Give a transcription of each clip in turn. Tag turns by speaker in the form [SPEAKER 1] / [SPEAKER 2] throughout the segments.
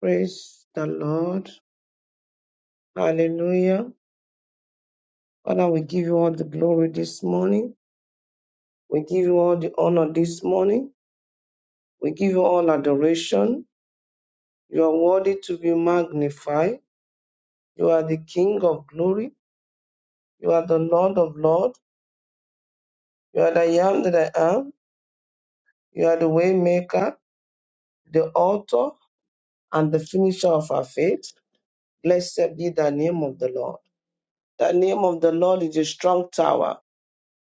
[SPEAKER 1] Praise the Lord. Hallelujah. Father, we give you all the glory this morning. We give you all the honor this morning. We give you all adoration. You are worthy to be magnified. You are the King of glory. You are the Lord of lords. You are the I am that I am. You are the way maker, the author, and the finisher of our faith. Blessed be the name of the Lord. The name of the Lord is a strong tower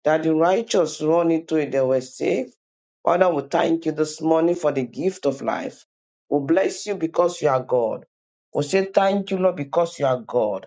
[SPEAKER 1] that the righteous run into it, they were saved. Father, we thank you this morning for the gift of life. We bless you because you are God. We say thank you, Lord, because you are God.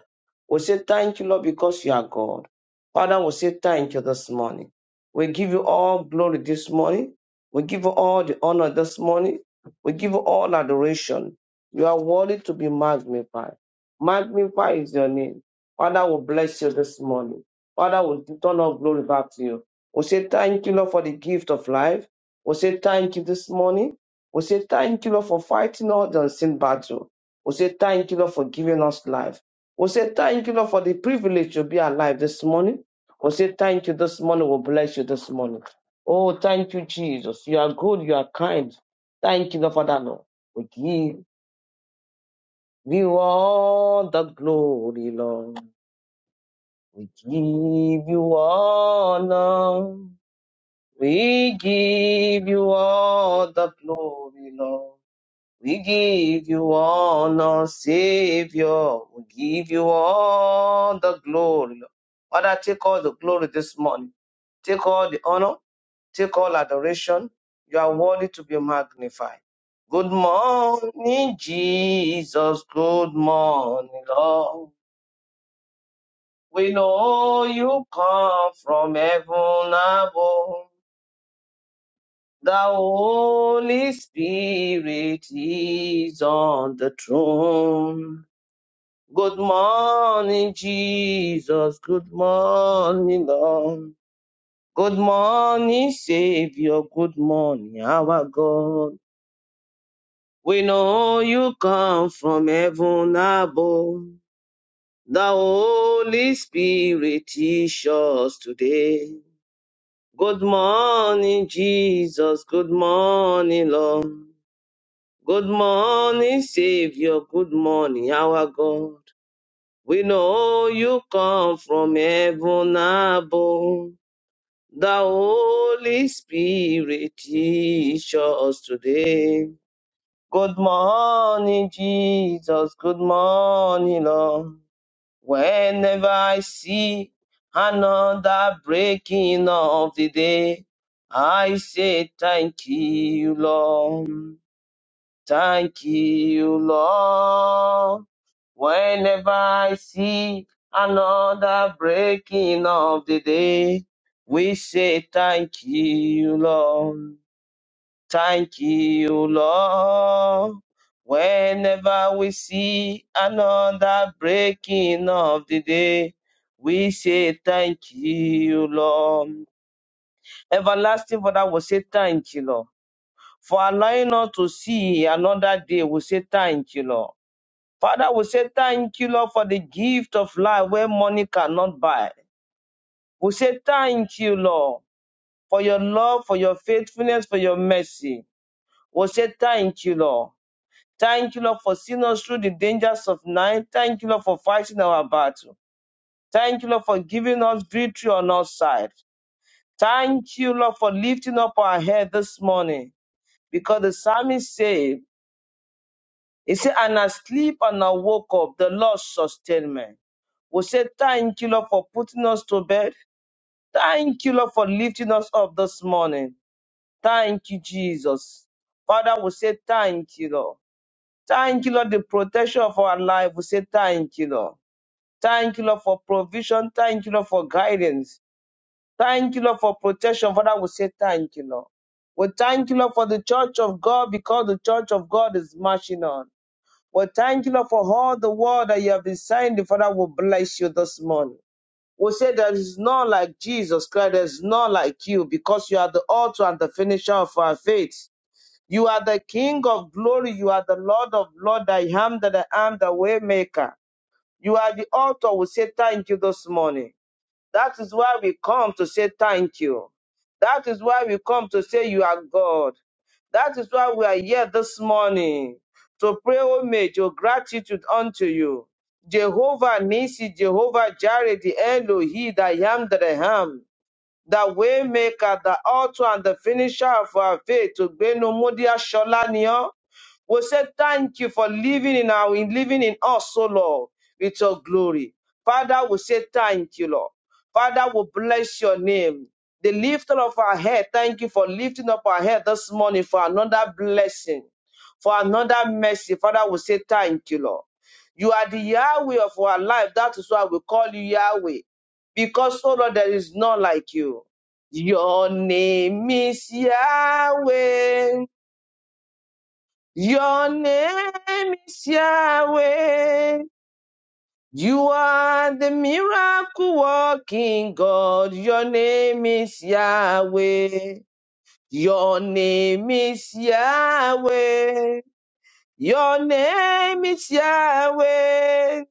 [SPEAKER 1] We say thank you, Lord, because you are God. Father, we say thank you this morning. We give you all glory this morning. We give you all the honor this morning. We give you all adoration. You are worthy to be magnified. Magnify is your name. Father, we bless you this morning. Father, we return all glory back to you. We say thank you, Lord, for the gift of life. We say thank you this morning. We say thank you, Lord, for fighting all the unseen battle. We say thank you, Lord, for giving us life. We say thank you, Lord, for the privilege to be alive this morning. We say thank you this morning. We bless you this morning. Oh, thank you, Jesus. You are good. You are kind. Thank you, Lord, for that, Lord. We give you all the glory, Lord. We give you honor. We give you all the glory, Lord. We give you honor, Savior. We give you all the glory, Lord. Father, take all the glory this morning. Take all the honor. Take all adoration. You are worthy to be magnified. Good morning, Jesus. Good morning, Lord. We know you come from heaven above. The Holy Spirit is on the throne. Good morning, Jesus. Good morning, Lord. Good morning, Savior. Good morning, our God. We know you come from heaven above. The Holy Spirit is yours today. Good morning, Jesus. Good morning, Lord. Good morning, Savior. Good morning, our God. We know you come from heaven above. The Holy Spirit teach us today. Good morning, Jesus. Good morning, Lord. Whenever I see another breaking of the day, I say thank you, Lord. Thank you, Lord. Whenever I see another breaking of the day, we say thank you, Lord. Thank you, Lord. Whenever we see another breaking of the day, we say thank you, Lord. Everlasting Father will say thank you, Lord. For allowing us to see another day, we say thank you, Lord. Father, we say thank you, Lord, for the gift of life where money cannot buy. We say thank you, Lord, for your love, for your faithfulness, for your mercy. We say thank you, Lord. Thank you, Lord, for seeing us through the dangers of night. Thank you, Lord, for fighting our battle. Thank you, Lord, for giving us victory on our side. Thank you, Lord, for lifting up our head this morning. Because the psalmist said, He said, And I sleep and I woke up, the Lord sustained me. We say, Thank you, Lord, for putting us to bed. Thank you, Lord, for lifting us up this morning. Thank you, Jesus. Father, we say, Thank you, Lord. Thank you, Lord, the protection of our life. We say, Thank you, Lord. Thank you, Lord, for provision. Thank you, Lord, for guidance. Thank you, Lord, for protection. Father, we say thank you, Lord. We thank you, Lord, for the church of God because the church of God is marching on. We thank you, Lord, for all the word that you have been saying. The Father will bless you this morning. We say there is none like Jesus Christ. There is none like you because you are the author and the finisher of our faith. You are the King of glory. You are the Lord of Lord. I am that I am the way maker. You are the author. We say thank you this morning. That is why we come to say thank you. That is why we come to say you are God. That is why we are here this morning to pray homage or gratitude unto you. Jehovah Nisi, Jehovah Jireh, the Elohi, the I am that I am the waymaker, the author and the finisher of our faith, Ogbenumodia Shola ni ọ́. We say thank you for living in our in living in us, O Lord, with your glory. Father, we say thank you, Lord. Father, we bless your name. The lifter of our head, thank you for lifting up our head this morning for another blessing, for another mercy. Father, we say thank you, Lord. You are the Yahweh of our life. That is why we call you Yahweh because, oh Lord, there is none like you. Your name is Yahweh. Your name is Yahweh. You are the miracle working God. Your name is Yahweh. Your name is Yahweh. Your name is Yahweh.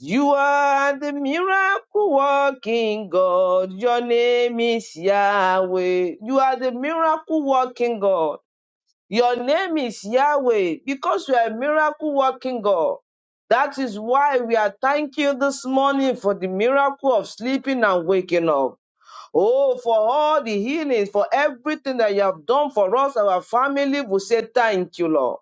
[SPEAKER 1] You are the miracle working God. Your name is Yahweh. You are the miracle working God. Your name is Yahweh because you are a miracle working God. That is why we are thanking you this morning for the miracle of sleeping and waking up. Oh, for all the healings, for everything that you have done for us, our family, we say thank you, Lord.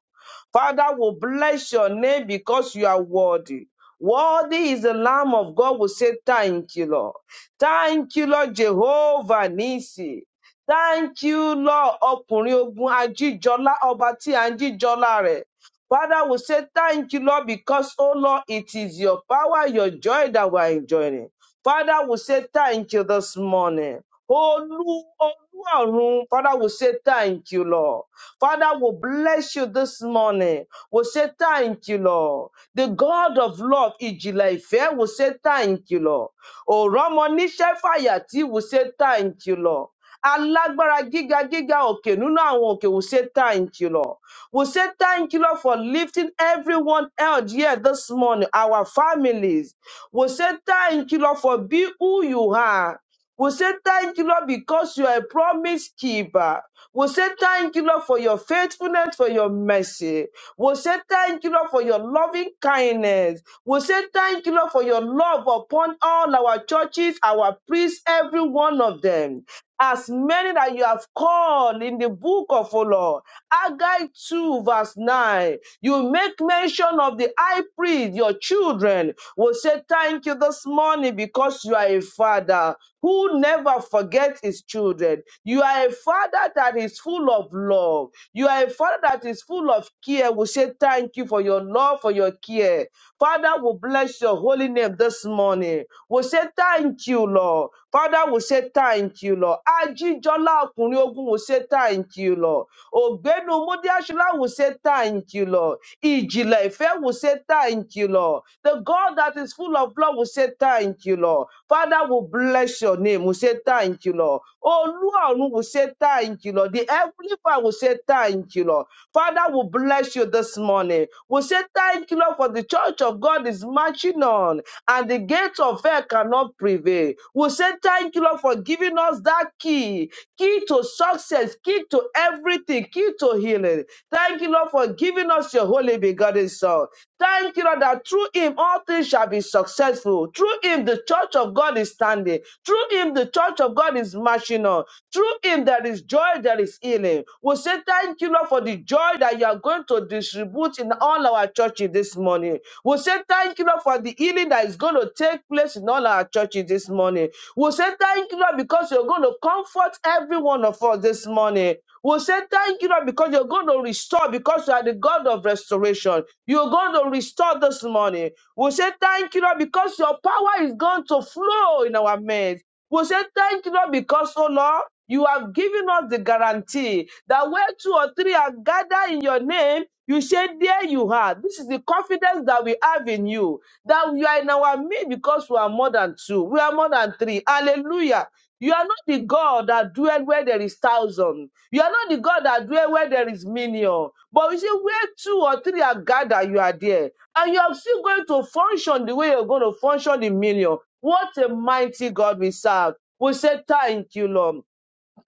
[SPEAKER 1] Father, we bless your name because you are worthy. Worthy is the Lamb of God. We say thank you, Lord. Thank you, Lord Jehovah Nisi. Thank you, Lord Ọkùnrin Ogun Ajíjọlá, Ọba tí à ń jíjọlá rẹ̀. Father, we say thank you, Lord, because, oh Lord, it is your power, your joy that we are enjoying. Father, we say thank you this morning. Olu, Oluwarun, Father, we say thank you, Lord. Father, we bless you this morning. We say thank you, Lord. The God of love, Ijila Ife, we say thank you, Lord. Oromo Nishefayati, we say thank you, Lord. alágbára gíga gíga òkè nínú àwọn òkè we say thank you lord we say thank you lord for lifting everyone else here this morning our families we say thank you, Lord, for being who you are. we say thank you, Lord, because you are a promise keeper. we say thank you, Lord, for your faithfulness, for your mercy. we say thank you, Lord, for your loving kindness. we say thank you, Lord, for your love upon all our churches, our priests, every one of them as many that you have called in the book of O Lord. Haggai 2, verse 9. You make mention of the high priest, your children will say thank you this morning because you are a father who never forgets his children. You are a father that is full of love. You are a father that is full of care. We say thank you for your love, for your care. Father, we bless your holy name this morning. We say thank you, Lord. Father, we say thank you, Lord. Ajijola Okunrin Ogun, we say thank you, Lord. Ogbenu Mudiashila, we say thank you, Lord. Ijile Ife, we say thank you, Lord. The God that is full of love, we say thank you, Lord. Father, we bless your name. We say thank you, Lord. Oluorun, we say thank you, Lord. The heavenly Father, we say thank you, Lord. Father, we bless you this morning. We say thank you, Lord, for the church of God is marching on and the gates of hell cannot prevail. We say thank you, Lord, for giving us that key, key to success, key to everything, key to healing. Thank you, Lord, for giving us your holy begotten son. Thank you, Lord, that through him all things shall be successful. Through him, the church of God is standing. Through him, the church of God is marching on. Through him, there is joy, there is healing. We say thank you, Lord, for the joy that you are going to distribute in all our churches this morning. We say thank you, Lord, for the healing that is going to take place in all our churches this morning. We say thank you, Lord, because you're going to comfort every one of us this morning. We'll say thank you, Lord, because you're going to restore, because you are the God of restoration. You're going to restore this morning. We'll say thank you, Lord, because your power is going to flow in our midst. We say thank you, Lord, because, oh Lord, you have given us the guarantee that where two or three are gathered in your name, you say, There you are. This is the confidence that we have in you, that we are in our midst because we are more than two, we are more than three. Hallelujah. You are not the God that dwell where there is thousand. You are not the God that dwell where there is million. But you see where two or three are gathered, you are there. And you are still going to function the way you're going to function the million. What a mighty God we serve. We say thank you, Lord.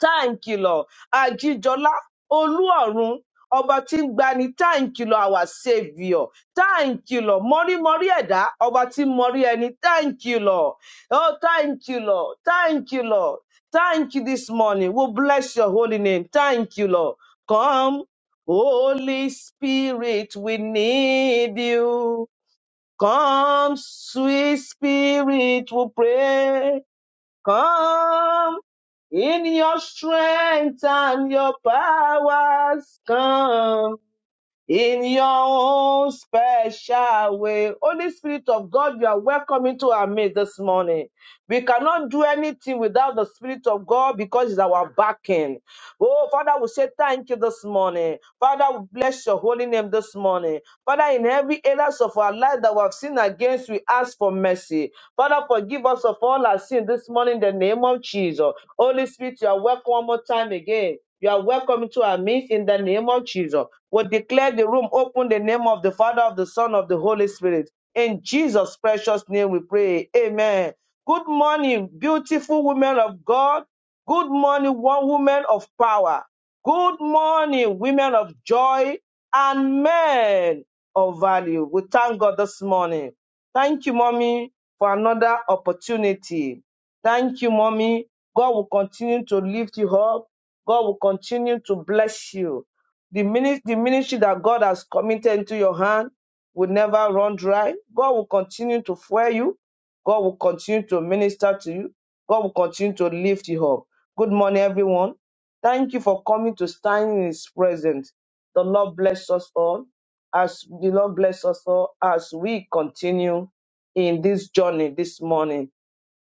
[SPEAKER 1] Thank táǹkì lọ àjíjọlá olúọrun ọba tí ń gbani táǹkì lọ àwà sèvìọ táǹkì lọ mọrímọrí ẹdá ọba tí ń mọrí ẹni thank you, Lord. Oh, thank you, Lord. Thank you, Lord. thank you this morning we bless your holy name thank you lord come holy spirit we need you come sweet spirit we pray Come in your strength and your powers. Come in your own special way. Holy Spirit of God, you are welcome into our midst this morning. We cannot do anything without the Spirit of God because it's our backing. Oh, Father, we say thank you this morning. Father, we bless your holy name this morning. Father, in every areas of our life that we have sinned against, we ask for mercy. Father, forgive us of all our sin this morning in the name of Jesus. Holy Spirit, you are welcome one more time again. You are welcome into our midst in the name of Jesus will declare the room open the name of the Father, of the Son, of the Holy Spirit. In Jesus' precious name we pray. Amen. Good morning, beautiful women of God. Good morning, one woman of power. Good morning, women of joy and men of value. We thank God this morning. Thank you, mommy, for another opportunity. Thank you, mommy. God will continue to lift you up. God will continue to bless you. The, minis- the ministry that God has committed into your hand will never run dry. God will continue to fuel you. God will continue to minister to you. God will continue to lift you up. Good morning, everyone. Thank you for coming to stand in His presence. The Lord bless us all. As the Lord bless us all, as we continue in this journey this morning.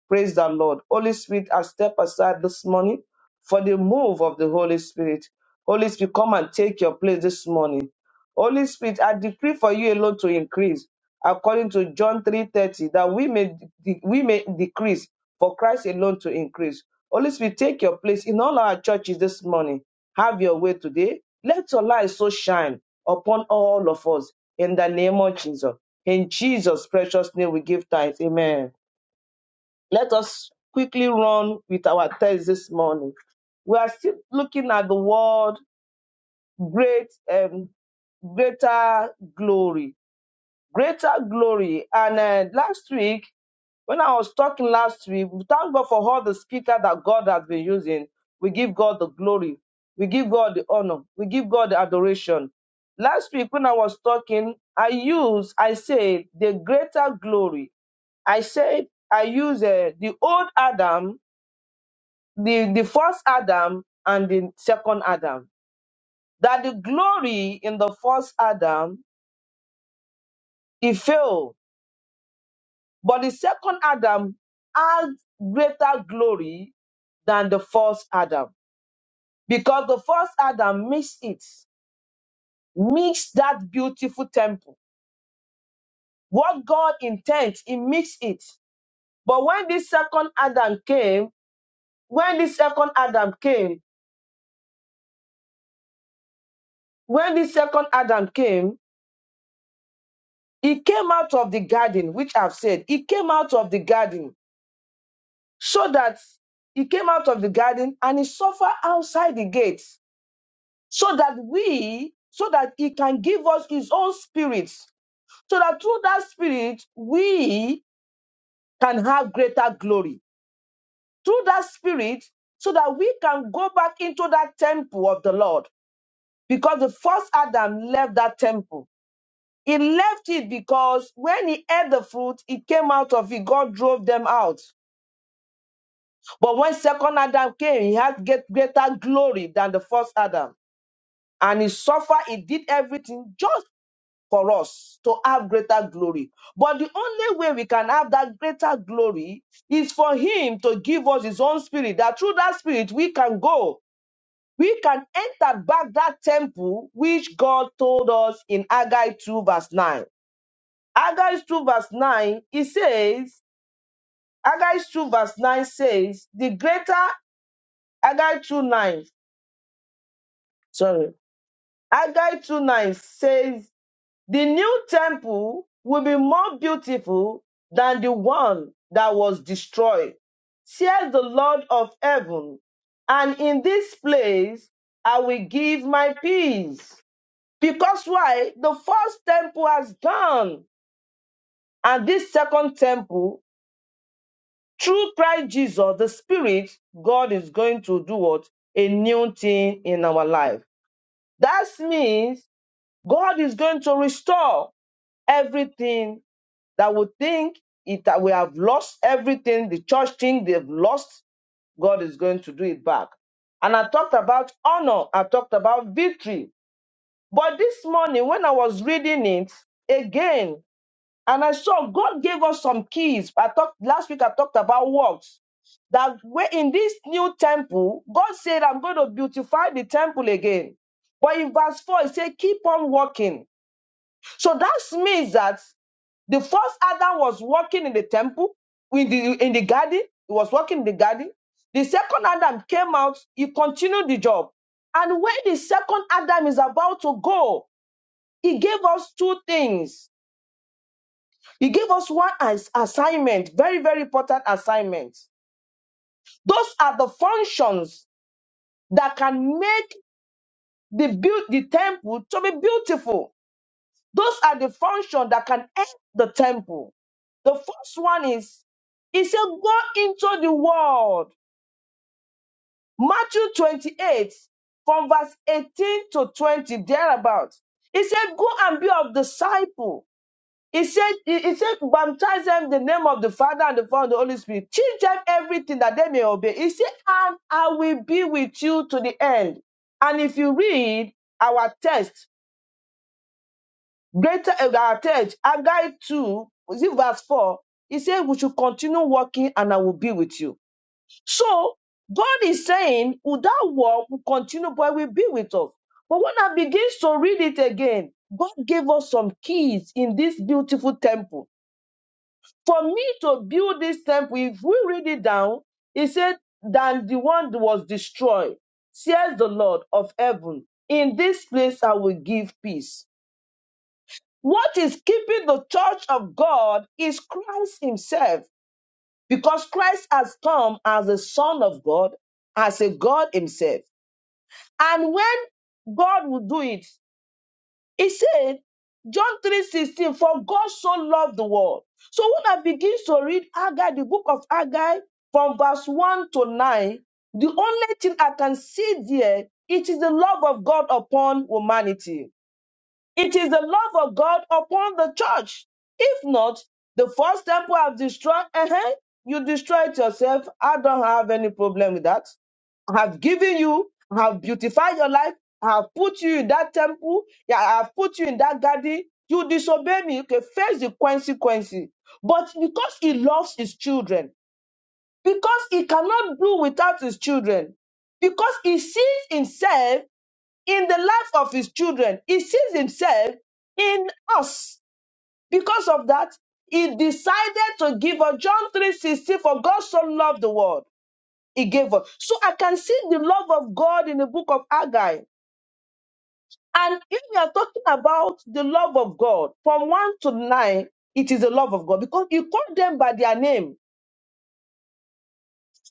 [SPEAKER 1] Praise the Lord. Holy Spirit, I step aside this morning for the move of the Holy Spirit. Holy Spirit, come and take your place this morning. Holy Spirit, I decree for you alone to increase, according to John 3:30, that we may de- we may decrease for Christ alone to increase. Holy Spirit, take your place in all our churches this morning. Have your way today. Let your light so shine upon all of us in the name of Jesus. In Jesus' precious name, we give thanks. Amen. Let us quickly run with our text this morning. We are still looking at the word great um, greater glory Greater glory. And uh, last week, when I was talking last week, we thank God for all the speaker that God has been using. We give God the glory. We give God the honor. We give God the adoration. Last week, when I was talking, I used, I said, the greater glory. I said, I used uh, the old Adam, the, the first Adam, and the second Adam. That the glory in the first Adam, it failed But the second Adam had greater glory than the first Adam because the first Adam mixed it, mixed that beautiful temple. What God intends, he mixed it. But when this second Adam came, when this second Adam came, when this second Adam came, he came out of the garden, which I've said, he came out of the garden so that he came out of the garden and he suffered outside the gate. so that we, so that He can give us His own Spirit, so that through that Spirit we can have greater glory. Through that Spirit, so that we can go back into that temple of the Lord, because the first Adam left that temple. He left it because when he ate the fruit, he came out of it. God drove them out. But when second Adam came, he had get greater glory than the first Adam. And he suffered, he did everything just for us to have greater glory. But the only way we can have that greater glory is for Him to give us His own Spirit, that through that Spirit we can go, we can enter back that temple which God told us in Haggai 2, verse 9. Haggai 2, verse 9, it says, Haggai 2, verse 9 says, the greater, Haggai 2, 9, sorry, Haggai 2, 9 says, The new temple will be more beautiful than the one that was destroyed, says the Lord of heaven. And in this place I will give my peace. Because why? The first temple has gone. And this second temple, through Christ Jesus, the Spirit, God is going to do what? A new thing in our life. That means God is going to restore everything that would think it that we have lost everything, the church thing they've lost, God is going to do it back. And I talked about honor, I talked about victory. But this morning, when I was reading it again, and I saw God gave us some keys. I talked last week, I talked about works. That we in this new temple, God said, I'm going to beautify the temple again. But in verse 4, it said, keep on walking. So that means that the first Adam was walking in the temple, in the in the garden. He was walking in the garden. The second Adam came out. He continued the job. And when the second Adam is about to go, he gave us two things. He gave us one as assignment, very very important assignment. Those are the functions that can make the build the temple to be beautiful Those are the functions that can end the temple. The first one is, he said, go into the world. Matthew 28, from verse 18 to 20, thereabouts. He said, go and be of disciple. He said, he, he said, baptize them in the name of the Father and the Son and the Holy Spirit. Teach them everything that they may obey. He said, and I will be with you to the end. And if you read our text, Greater advantage. our text, Haggai 2, is it verse 4? He said, We should continue working and I will be with you. So God is saying, Without work, we continue, but will be with us. But when I begins to read it again, God gave us some keys in this beautiful temple. For me to build this temple, if we read it down, he said, Than the one that was destroyed, says the Lord of heaven. In this place I will give peace what is keeping the church of God is Christ Himself, because Christ has come as the Son of God, as a God Himself. And when God will do it, He said, John 3:16, for God so loved the world. So when I begin to read Haggai, the book of Haggai, from verse 1 to 9, the only thing I can see there, it is the love of God upon humanity. It is the love of God upon the church. If not, the first temple have destroyed. uh You destroy it yourself. I don't have any problem with that. I have given you, I have beautified your life. I have put you in that temple. Yeah, I have put you in that garden. You disobey me. You can face the consequences. But because he loves his children, because he cannot do without his children, because he sees himself in the life of his children. He sees himself in us. Because of that, he decided to give us John 3:16 for God so loved the world. He gave us. So I can see the love of God in the book of Haggai. And if we are talking about the love of God from 1 to 9, it is the love of God because he called them by their name.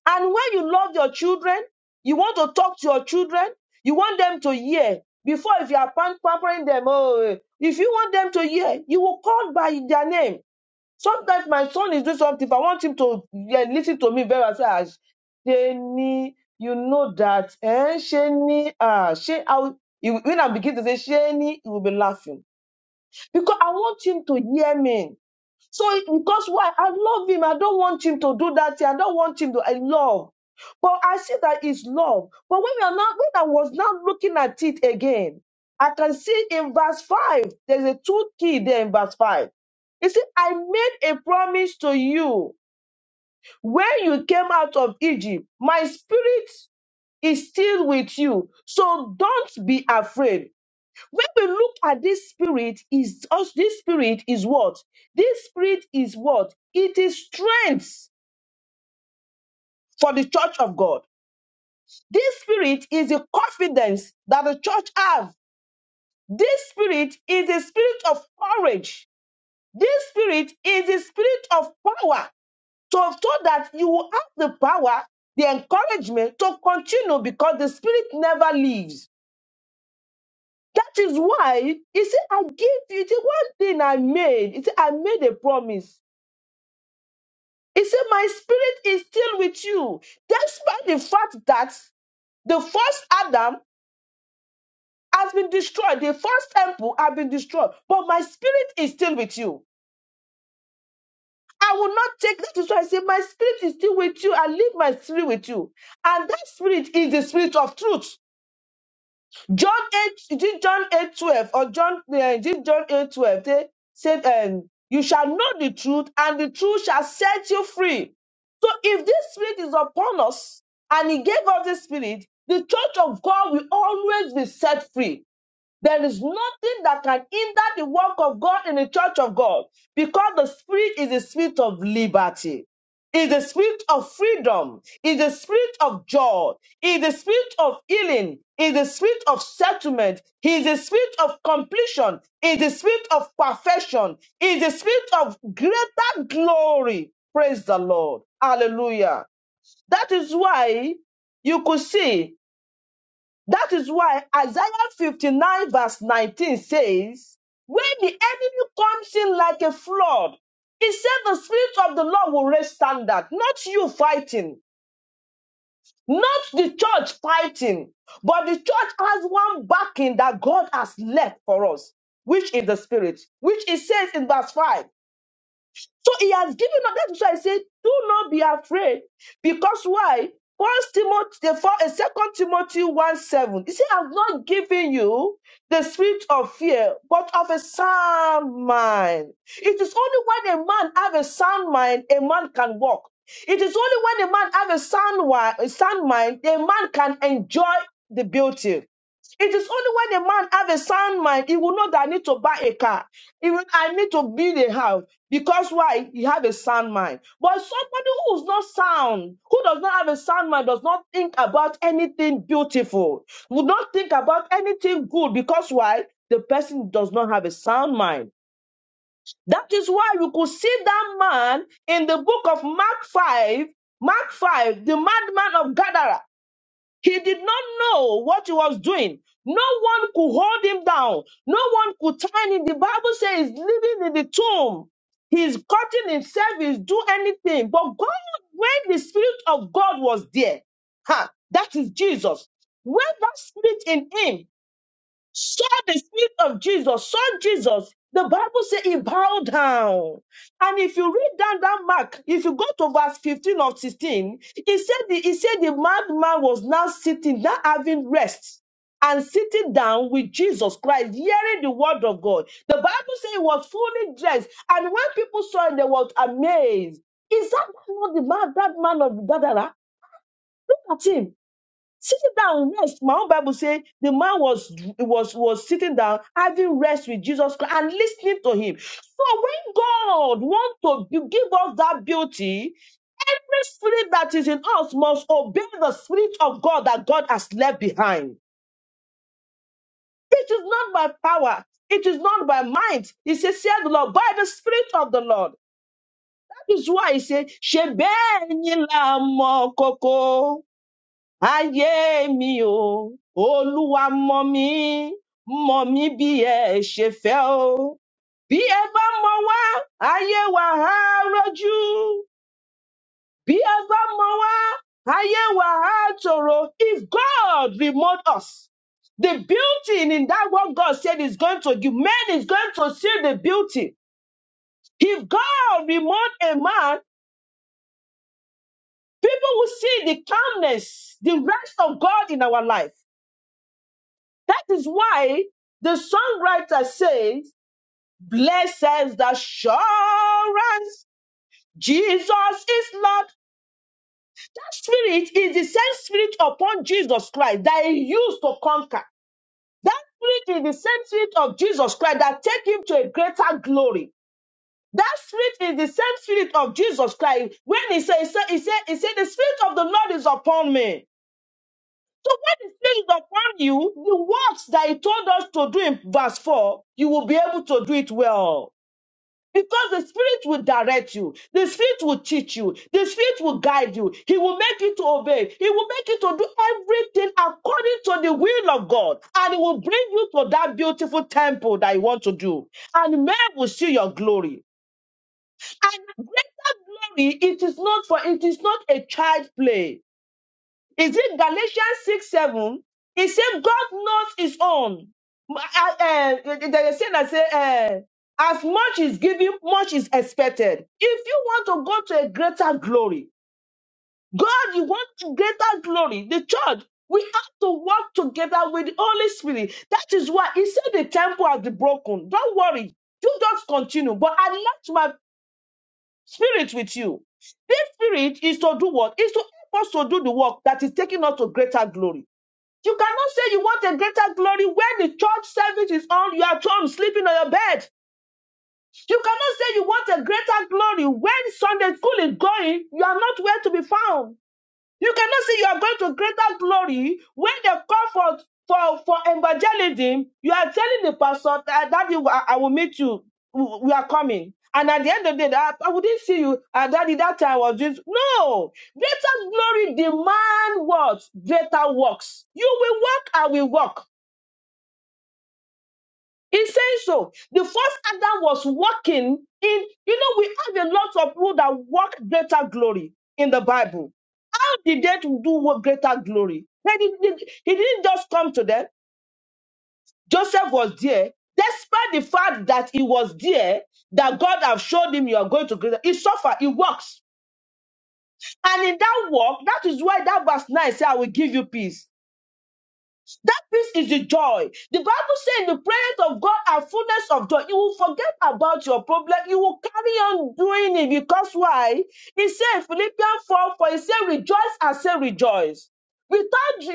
[SPEAKER 1] And when you love your children, you want to talk to your children, you want them to hear. Before, if you are pam- pampering them, oh, eh, if you want them to hear, you will call by their name. Sometimes my son is doing something, if I want him to eh, listen to me very well, "Ah, Sheni, you know that, eh? Sheni, ah, Sheni, I will, you- when I begin to say Sheni, he will be laughing because I want him to hear me. So it- because why? I love him. I don't want him to do that. thing. I don't want him to. I love. But I see that it's love. But when we are not, when I was now looking at it again, I can see in verse five. There's a two key there in verse five. He said, I made a promise to you when you came out of Egypt. My spirit is still with you. So don't be afraid when we look at this spirit is us this spirit is what this spirit is what it is strength for the church of god this spirit is the confidence that the church have this spirit is the spirit of courage this spirit is the spirit of power so, so that you will have the power the encouragement to continue because the spirit never leaves that is why you see i give you see one thing i made you see i made a promise He said, My spirit is still with you. Despite the fact that the first Adam has been destroyed, the first temple has been destroyed, but my spirit is still with you. I will not take that is so. I say, My spirit is still with you. I leave my spirit with you. And that spirit is the spirit of truth. John 8, is it John 8:12 or John, eh, is it John 8:12, 12? They said, um, You shall know the truth, and the truth shall set you free. So if this spirit is upon us and he gave us this spirit, the church of God will always be set free there is nothing that can hinder the work of God in the church of God because the spirit is the spirit of liberty, is the spirit of freedom, is the spirit of joy, is the spirit of healing, is the spirit of settlement, is the spirit of completion, is the spirit of perfection, is the spirit of greater glory. Praise the Lord. Hallelujah. That is why you could see that is why Isaiah 59 verse 19 says, when the enemy comes in like a flood, he said the spirit of the Lord will raise standard, not you fighting, not the church fighting, but the church has one backing that God has left for us, which is the spirit, which it says in verse 5. So he has given us. That's why I said, do not be afraid. Because why? First Timothy, for a second Timothy 1 7. He said, I've not given you the spirit of fear, but of a sound mind. It is only when a man have a sound mind, a man can walk. It is only when a man have a sound, wi- a sound mind, a man can enjoy the beauty. It is only when a man have a sound mind, he will know that I need to buy a car. Even I need to build a house because why? You have a sound mind. But somebody who's not sound, who does not have a sound mind, does not think about anything beautiful, would not think about anything good because why? The person does not have a sound mind. That is why we could see that man in the book of Mark 5, Mark 5, the madman of Gadara. He did not know what he was doing. No one could hold him down. No one could turn him. The Bible says he's living in the tomb. He's cutting himself, he's do anything. But God, when the Spirit of God was there, ha, that is Jesus. When that spirit in him saw the feet of Jesus, saw Jesus, the Bible says he bowed down. And if you read down that mark, if you go to verse 15 or 16, he said the, he said the madman was now sitting, now having rest. And sitting down with Jesus Christ, hearing the word of God. The Bible says he was fully dressed, and when people saw him, they were amazed. Is that not the man, that man of Gadara? Look at him. Sitting down, rest. My own Bible say the man was was was sitting down, having rest with Jesus Christ and listening to him. So when God wants to gi- give us that beauty, every spirit that is in us must obey the spirit of God that God has left behind. It is not by power, it is not by might. He says, "Say the Lord, by the spirit of the Lord." That is why he said, "Shebeni la mo koko." ayé mi o olúwa mọ mi mọ mi bí ẹ ṣe fẹ́ o bí ẹ bá mọ wá ayé wa á rọjú bí ẹ bá mọ wá ayé wa á tòrò if god remote us. The beauty in that what God said is going to give man is going to see the beauty. If God remote a man, people will see the calmness, the rest of God in our life. That is why the songwriter says, Blesses the assurance, Jesus is Lord. That spirit is the same spirit upon Jesus Christ that he used to conquer. That spirit is the same spirit of Jesus Christ that take him to a greater glory. That spirit is the same spirit of Jesus Christ. When he said, he said, he said, he said, the spirit of the Lord is upon me So when it stays upon you, the works that he told us to do in verse 4, you will be able to do it well. Because the Spirit will direct you, the Spirit will teach you, the Spirit will guide you, He will make you to obey, He will make you to do everything according to the will of God, and He will bring you to that beautiful temple that you want to do, and men will see your glory. And greater glory, it is not for it is not a child's play. Is it Galatians 6 7? It said, God knows his own. Uh, uh, there is a saying that say, uh, as much is given, much is expected. If you want to go to a greater glory, God, you want greater glory. The church, we have to work together with the Holy Spirit. That is why he said the temple has been broken. Don't worry. You just continue. But I left my spirit with you. This spirit is to do what? Is to help us to do the work that is taking us to greater glory. You cannot say you want a greater glory when the church service is on, you are at home sleeping on your bed. You cannot say you want a greater glory when Sunday school is going, you are not where to be found. You cannot say you are going to greater glory when they call for for for evangelism. You are telling the pastor that daddy, I I will meet you. We are coming. And at the end of the day, I, I wouldn't see you. Uh, daddy, that time I was just no. Greater glory demand what? Greater works. You will walk, I will walk. He's saying so. The first Adam was walking in, you know, we have a lot of people that walk greater glory in the Bible. How did they do what greater glory? They didn't, he didn't just come to them. Joseph was there. Despite the fact that he was there, that God have showed him you are going to greater, he suffered, he works. And in that work, that is why that verse 9 says, I will give you peace. That peace is the joy. The Bible says in the presence of God are fullness of joy. You will forget about your problem. You will carry on doing it because why? He said in Philippians 4, for he said, rejoice and say rejoice. Without,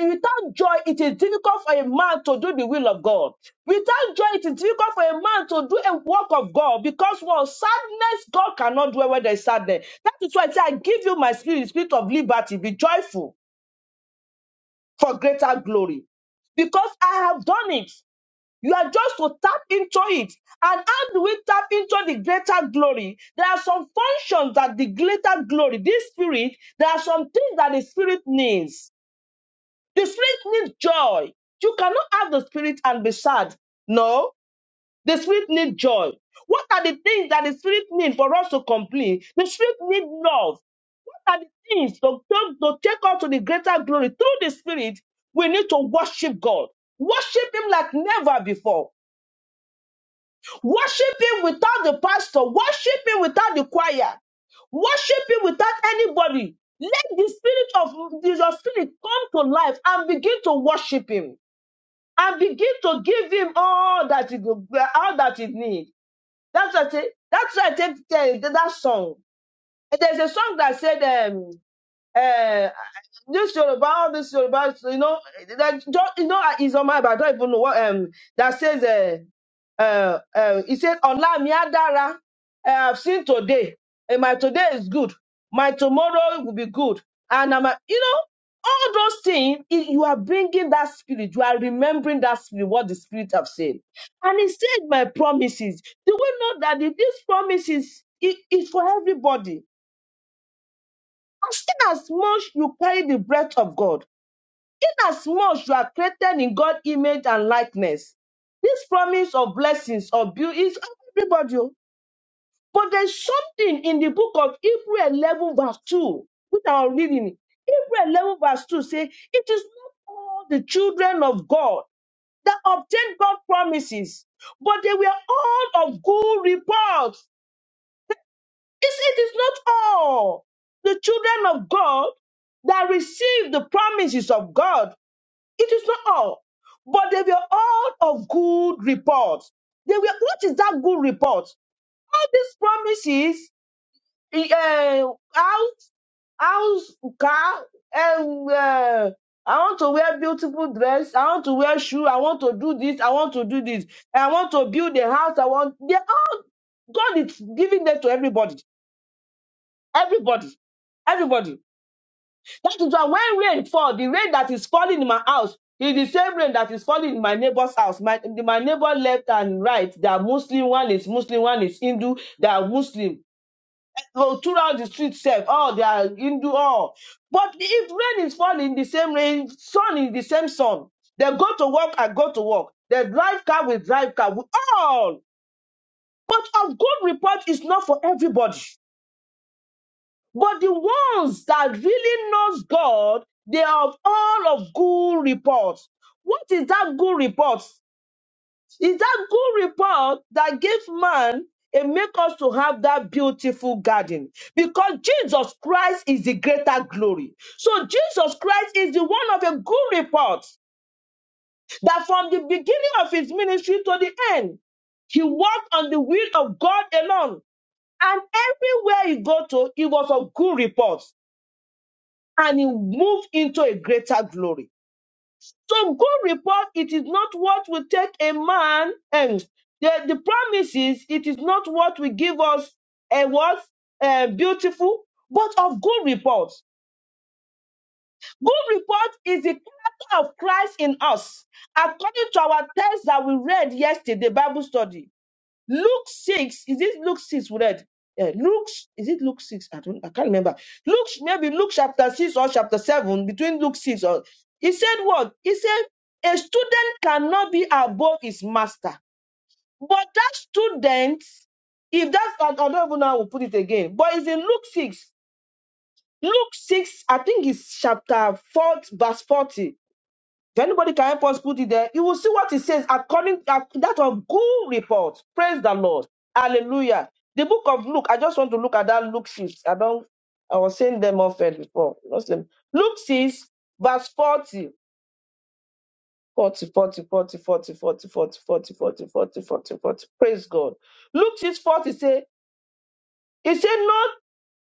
[SPEAKER 1] without joy, it is difficult for a man to do the will of God. Without joy, it is difficult for a man to do a work of God because well, sadness, God cannot dwell where there is sadness. That is why I say, I give you my spirit, the spirit of liberty. Be joyful for greater glory because I have done it. You are just to tap into it. And how do we tap into the greater glory? There are some functions that the greater glory, this spirit, there are some things that the spirit needs. The spirit needs joy. You cannot have the spirit and be sad. No, the spirit needs joy. What are the things that the spirit needs for us to complete? The spirit needs love. What are the things to, to, to take on to the greater glory through the Spirit, we need to worship God. Worship Him like never before. Worship Him without the pastor. Worship Him without the choir. Worship Him without anybody. Let the Spirit of your Spirit come to life and begin to worship Him and begin to give Him all that He all that He needs. That's what I, that's what I take eh, that song. There's a song that said. um, Uh, this Yoruba, all this Yoruba, you know, that don't- you know is on my, but I don't even know what um that says. Uh, uh, uh, he said, "Ola mi adara, uh, I've seen today. and my today is good. My tomorrow will be good." And I'm, a- you know, all those things. i- You are bringing that spirit. You are remembering that spirit. What the spirit have said. And he said, "My promises." Do we know that the- these promises it is for everybody? As in you carry the breath of God, inasmuch you are created in God's image and likeness, this promise of blessings of beauty is everybody. oh. But there's something in the book of Hebrew 11 verse 2, which I'm reading. Hebrew 11 verse 2 say, it is not all the children of God that obtain God's promises, but they were all of good report. Is it is not all the children of God that receive the promises of God. It is not all, but they were all of good report. They were what is that good report? All these promises, eh, uh, house, house, car, and uh, I want to wear beautiful dress. I want to wear shoe. I want to do this. I want to do this. I want to build a house. I want. They all God is giving them to everybody Everybody. Everybody. That is why when rain fall, the rain that is falling in my house is the same rain that is falling in my neighbor's house. My, my neighbor left and right, they are Muslim, one is Muslim, one is Hindu, they are Muslim. So throughout the street self, oh, they are Hindu, all. But if rain is falling, the same rain, sun is the same sun. They go to work, I go to work. They drive car, we drive car, we all. But of good report is not for everybody. But the ones that really knows God, they are of all of good reports. What is that good report? Is that good report that gives man and make us to have that beautiful garden because Jesus Christ is the greater glory. So Jesus Christ is the one of a good report that from the beginning of his ministry to the end, he walked on the will of God alone. And everywhere he go to, it was of good report. and he move into a greater glory. So good report, it is not what will take a man and the, the promise is it is not what will give us a what uh, beautiful, but of good report. Good report is the character of Christ in us. According to our text that we read yesterday, Bible study, Luke 6, is it Luke 6 we read? Eh, Luke, is it Luke 6? I don't, I can't remember. Luke, maybe Luke chapter 6 or chapter 7, between Luke 6 or, he said what? He said, a student cannot be above his master. But that student, if that's, I I don't even know how we put it again, but it's in Luke 6. Luke 6, I think it's chapter 4, verse 40. If anybody can help us put it there, you will see what it says according to that of good report. Praise the Lord. Hallelujah. The book of Luke, I just want to look at that Luke 6. I don't, I was saying them often before. Muslim. Luke 6, verse 40. 40, forty, forty, forty, forty, forty, forty, forty, forty, forty, forty, forty. Praise God. Luke 6, 40 say, he said,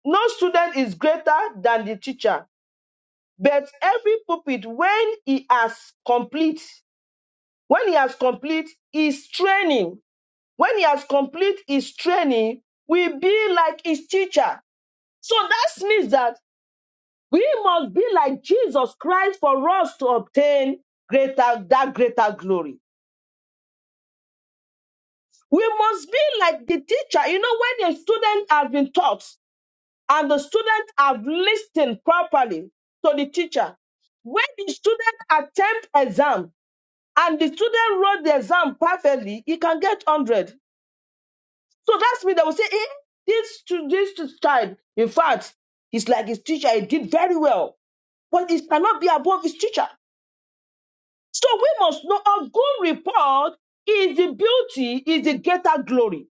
[SPEAKER 1] no, no student is greater than the teacher, but every pupil when he has complete When he has complete his training, when he has complete his training, we be like his teacher. So that means that we must be like Jesus Christ for us to obtain greater that greater glory. We must be like the teacher. You know, when a student has been taught and the student have listened properly to the teacher, when the student attempt exam and the student wrote the exam perfectly, he can get 100. So that's me They will say, eh, this to this to child. In fact, he's like his teacher, he did very well, but he cannot be above his teacher. So we must know a good report is the beauty, is the greater glory.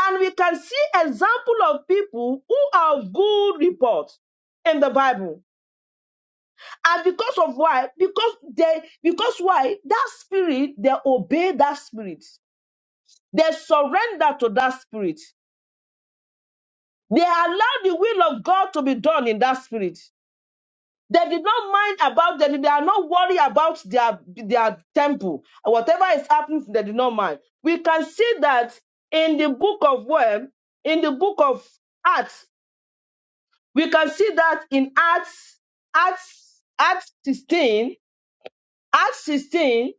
[SPEAKER 1] And we can see example of people who are of good reports in the Bible. And because of why? Because they because why that spirit, they obey that spirit, they surrender to that spirit. They allowed the will of God to be done in that spirit. They did not mind about them. They are not worried about their, their temple. Whatever is happening, they did not mind. We can see that in the book of Web, in the book of Acts, we can see that in Acts, Acts, Acts 16, Acts 16,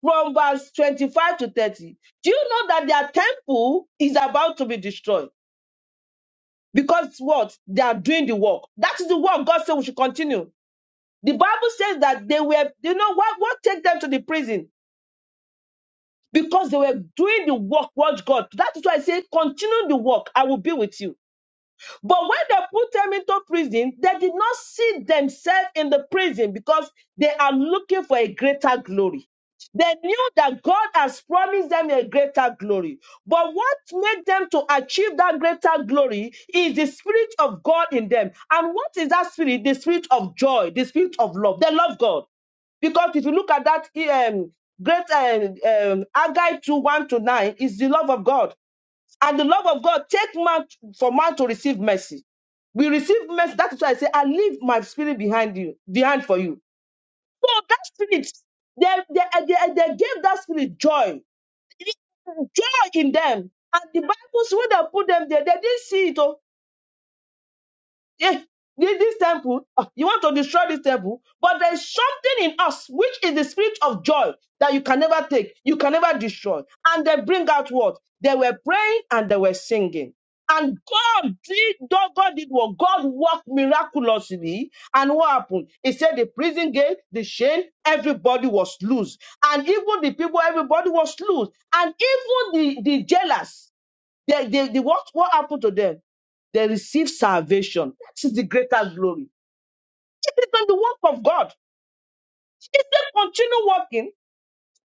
[SPEAKER 1] from verse 25 to 30. Do you know that their temple is about to be destroyed? because what they are doing the work. That is the work God said we should continue. The Bible says that they were, you know, what what take them to the prison because they were doing the work. Watch God. That is why I say, continue the work. I will be with you. But when they put them into prison, they did not see themselves in the prison because they are looking for a greater glory. They knew that God has promised them a greater glory. But what made them to achieve that greater glory is the Spirit of God in them. And what is that Spirit? The Spirit of joy, the Spirit of love. They love God. Because if you look at that um, great um, um, Haggai 2 1 to 9, it's the love of God. And the love of God take man for man to receive mercy. We receive mercy. That is why I say, I leave my spirit behind you, behind for you. So that spirit, they, they, they, they gave that spirit joy. Joy in them. And the Bible, when they put them there, they didn't see it. oh. Yeah, yeah, this temple, uh, you want to destroy this temple, but there is something in us which is the spirit of joy that you can never take, you can never destroy. And they bring out what they were praying and they were singing. And God did, God God did what God worked miraculously. And what happened? He said the prison gate, the chain, everybody was loose. And even the people, everybody was loose. And even the, the jailers, they, they, they, what, what happened to them? They received salvation. That is the greater glory. It is not the work of God. If they continue working,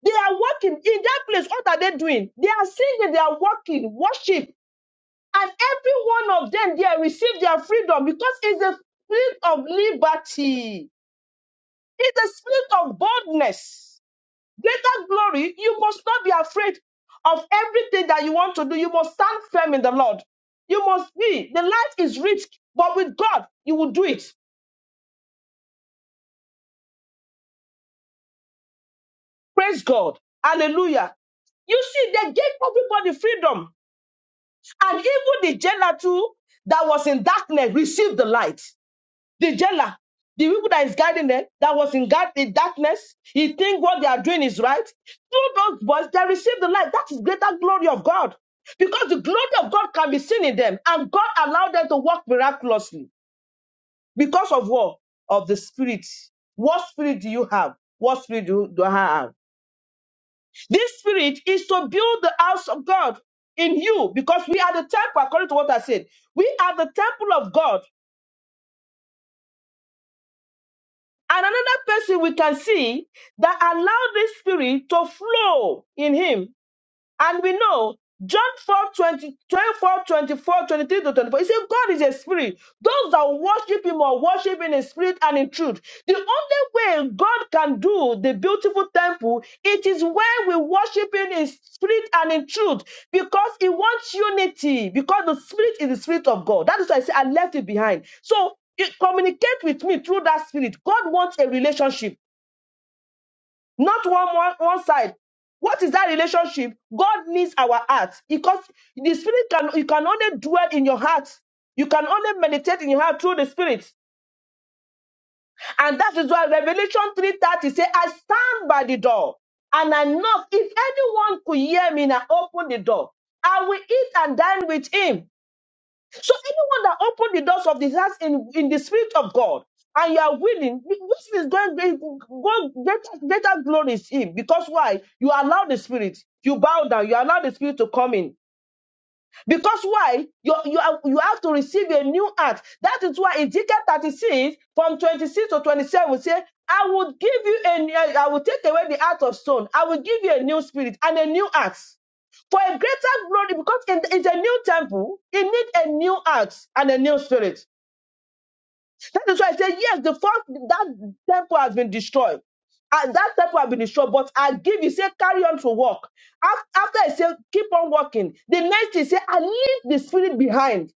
[SPEAKER 1] they are working in that place. What are they doing? They are singing, they are working, worship. And every one of them, they have received their freedom because it's a spirit of liberty. It's a spirit of boldness. greater glory, you must not be afraid of everything that you want to do. You must stand firm in the Lord. You must be. The life is rich, but with God, you will do it. Praise God. Hallelujah. You see, they gave everybody freedom. And even the jailer too that was in darkness received the light. The jailer, the people that is guiding them, that was in guard in darkness, he think what they are doing is right. Through those boys, they receive the light. That is greater glory of God. Because the glory of God can be seen in them, and God allowed them to work miraculously because of what? Of the spirit. What spirit do you have? What spirit do, do I have? This spirit is to build the house of God in you because we are the temple, according to what I said. We are the temple of God. And another person we can see that allowed the spirit to flow in him and we know John 4 20 24 24 23 to 24. He said, God is a spirit. Those that worship him are worship in spirit and in truth. The only way God can do the beautiful temple, it is when we worship him in spirit and in truth because he wants unity because the spirit is the spirit of God. That is why I say I left it behind. So it, communicate with me through that spirit. God wants a relationship not one, one one side what is that relationship god needs our hearts because the spirit can you can only dwell in your heart you can only meditate in your heart through the spirit and that is why revelation 3.30 says, i stand by the door and i knock if anyone could hear me and I open the door i will eat and dine with him so anyone that opened the doors of this house in, in the spirit of God, and you are willing, this is going go greater, greater glory is him. Because why? You allow the spirit, you bow down, you allow the spirit to come in. Because why? You, you, have, you have to receive a new heart. That is why Ezekiel 36, from 26 to 27, say, I will give you a I will take away the heart of stone. I will give you a new spirit and a new heart for a greater glory because in, in the new temple, it needs a new heart and a new spirit. That is why I said, yes, the first that temple has been destroyed. And that temple has been destroyed, but I give you, say, carry on to walk. Af- After I say, keep on walking, the next is say, I leave the spirit behind.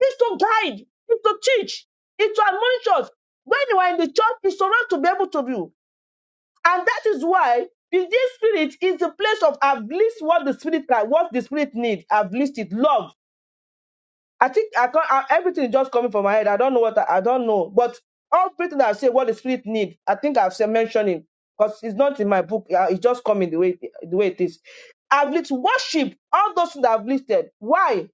[SPEAKER 1] It's to guide, it's to teach, it's to admonish us. When you are in the church, it's to not to be able to do. And that is why the this spirit is the place of I've least what the spirit can, what the spirit needs. I've least it, love. I think I can't. I, everything is just coming from my head. I don't know what I, I don't know, but everything I say, what the spirit need, I think I've said mentioning because it's not in my book. uh, It's just coming the way the way it is. I've listed worship all those things I've listed. Why?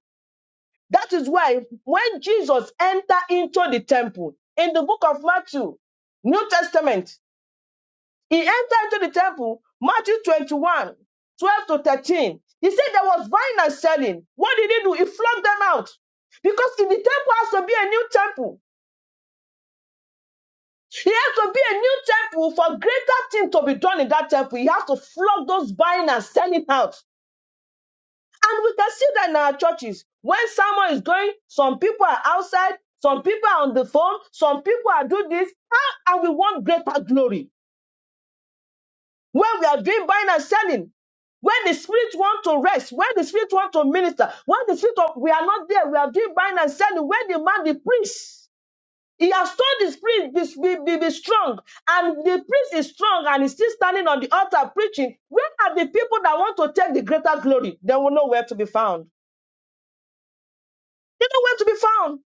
[SPEAKER 1] That is why when Jesus entered into the temple in the book of Matthew, New Testament, he entered into the temple, Matthew 21, 12 to 13. He said there was buying and selling. What did he do? He flogged them out. Because in the temple has to be a new temple. He has to be a new temple for greater thing to be done in that temple. He has to flog those buying and selling out. And we can see that in our churches. When someone is going, some people are outside, some people are on the phone, some people are doing this, ah, and we want greater glory. when we are doing buying and selling, when the spirit want to rest, when the spirit want to minister, when the spirit of, we are not there, we are doing buying and selling, when the man, the priest, he has told the spirit be, be, be, be strong, and the priest is strong and he's still standing on the altar preaching. Where are the people that want to take the greater glory? They will know where to be found. They know where to be found.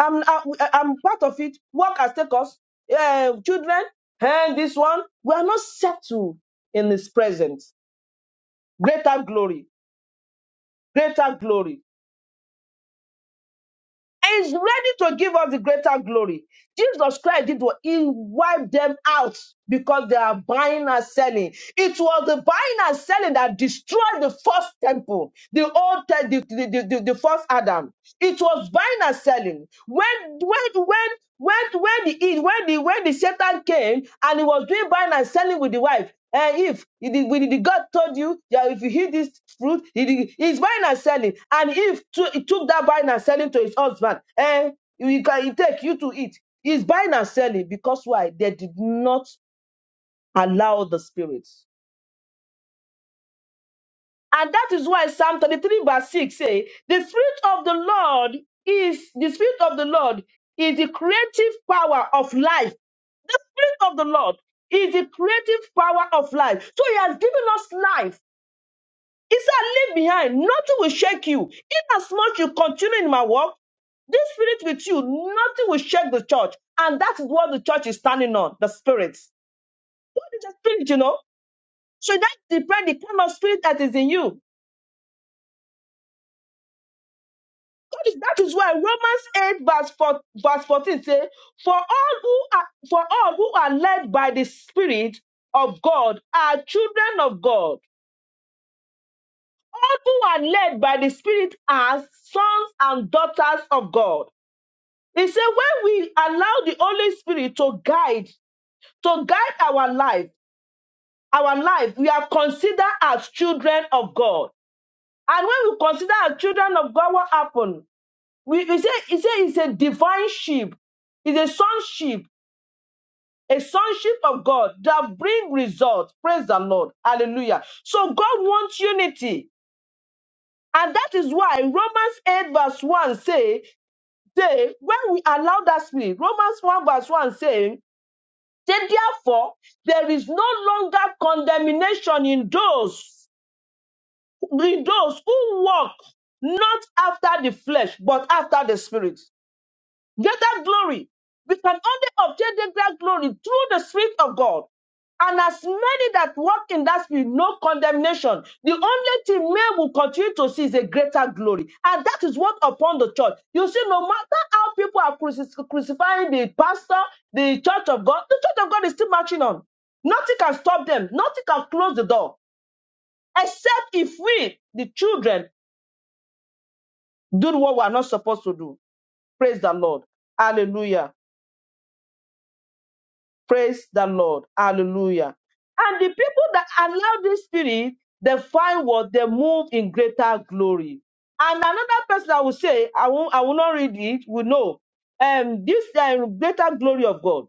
[SPEAKER 1] I'm, I, I'm part of it. Work has taken us, uh, children, and this one. We are not settled in his presence. Greater glory. greater glory. And is ready to give us the greater glory. Jesus Christ did what he wiped them out because they are buying and selling. It was the buying and selling that destroyed the first temple, the old te- the, the, the, the, the first Adam. It was buying and selling. When when when when when the when the when the Satan came and he was doing buying and selling with the wife, and if you did- when the God told you that if you eat this fruit, he did- he's buying and selling. And if to, he took that buying and selling to his husband, and he can he take you to eat. He's buying and selling because why? They did not allow the spirit. And that is why Psalm 33, verse 6 say, the spirit of the Lord is the spirit of the Lord is the creative power of life The spirit of the Lord is the creative power of life. So he has given us life. He said, Leave behind. Nothing will shake you. Inasmuch you continue in my work, this spirit with you, nothing will shake the church. And that is what the church is standing on the spirit. What is the spirit, you know? So that depends the kind of spirit that is in you. That is, that is why Romans 8, verse, 4, verse 14 says, For all who are for all who are led by the Spirit of God are children of God. All who are led by the Spirit are sons and daughters of God. He said, when we allow the Holy Spirit to guide, to guide our life, our life, we are considered as children of God. And when we consider as children of God, what happened? We, we say, he said it's a divine sheep, it's a sonship, a sonship of God that bring results. Praise the Lord. Hallelujah. So God wants unity. And that is why Romans 8, verse 1 say, say when we allow that spirit, Romans 1, verse 1 saying, Then therefore, there is no longer condemnation in those in those who walk not after the flesh, but after the spirit. Greater glory. We can only obtain the greater glory through the Spirit of God. And as many that walk in that spirit, no condemnation. The only thing men will continue to see is a greater glory. And that is what upon the church. You see, no matter how people are cruci- crucifying the pastor, the church of God, the church of God is still marching on. Nothing can stop them. Nothing can close the door. Except if we, the children, do what we are not supposed to do. Praise the Lord. Hallelujah. Praise the Lord. Hallelujah. And the people that allow this spirit, they find what they move in greater glory. And another person I will say, I will, I will not read it, we know. Um, this uh, greater glory of God,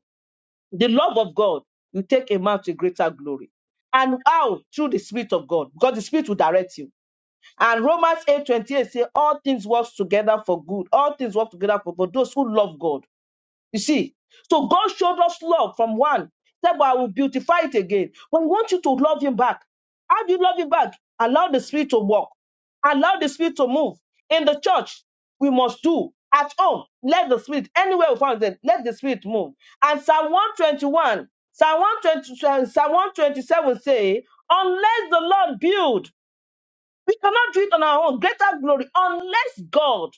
[SPEAKER 1] the love of God, you take a man to greater glory. And how? Through the Spirit of God, because the Spirit will direct you. And Romans eight twenty eight say, All things work together for good. All things work together for good. Those who love God you see, so God showed us love from one. Said, but I will beautify it again. But we want you to love him back. How do you love him back? Allow the spirit to walk. Allow the spirit to move. In the church, we must do. At home, let the spirit, anywhere we find it, let the spirit move. And Psalm 121, Psalm 120 Psalm 127 say, unless the Lord build, we cannot do it on our own. Greater glory, unless God,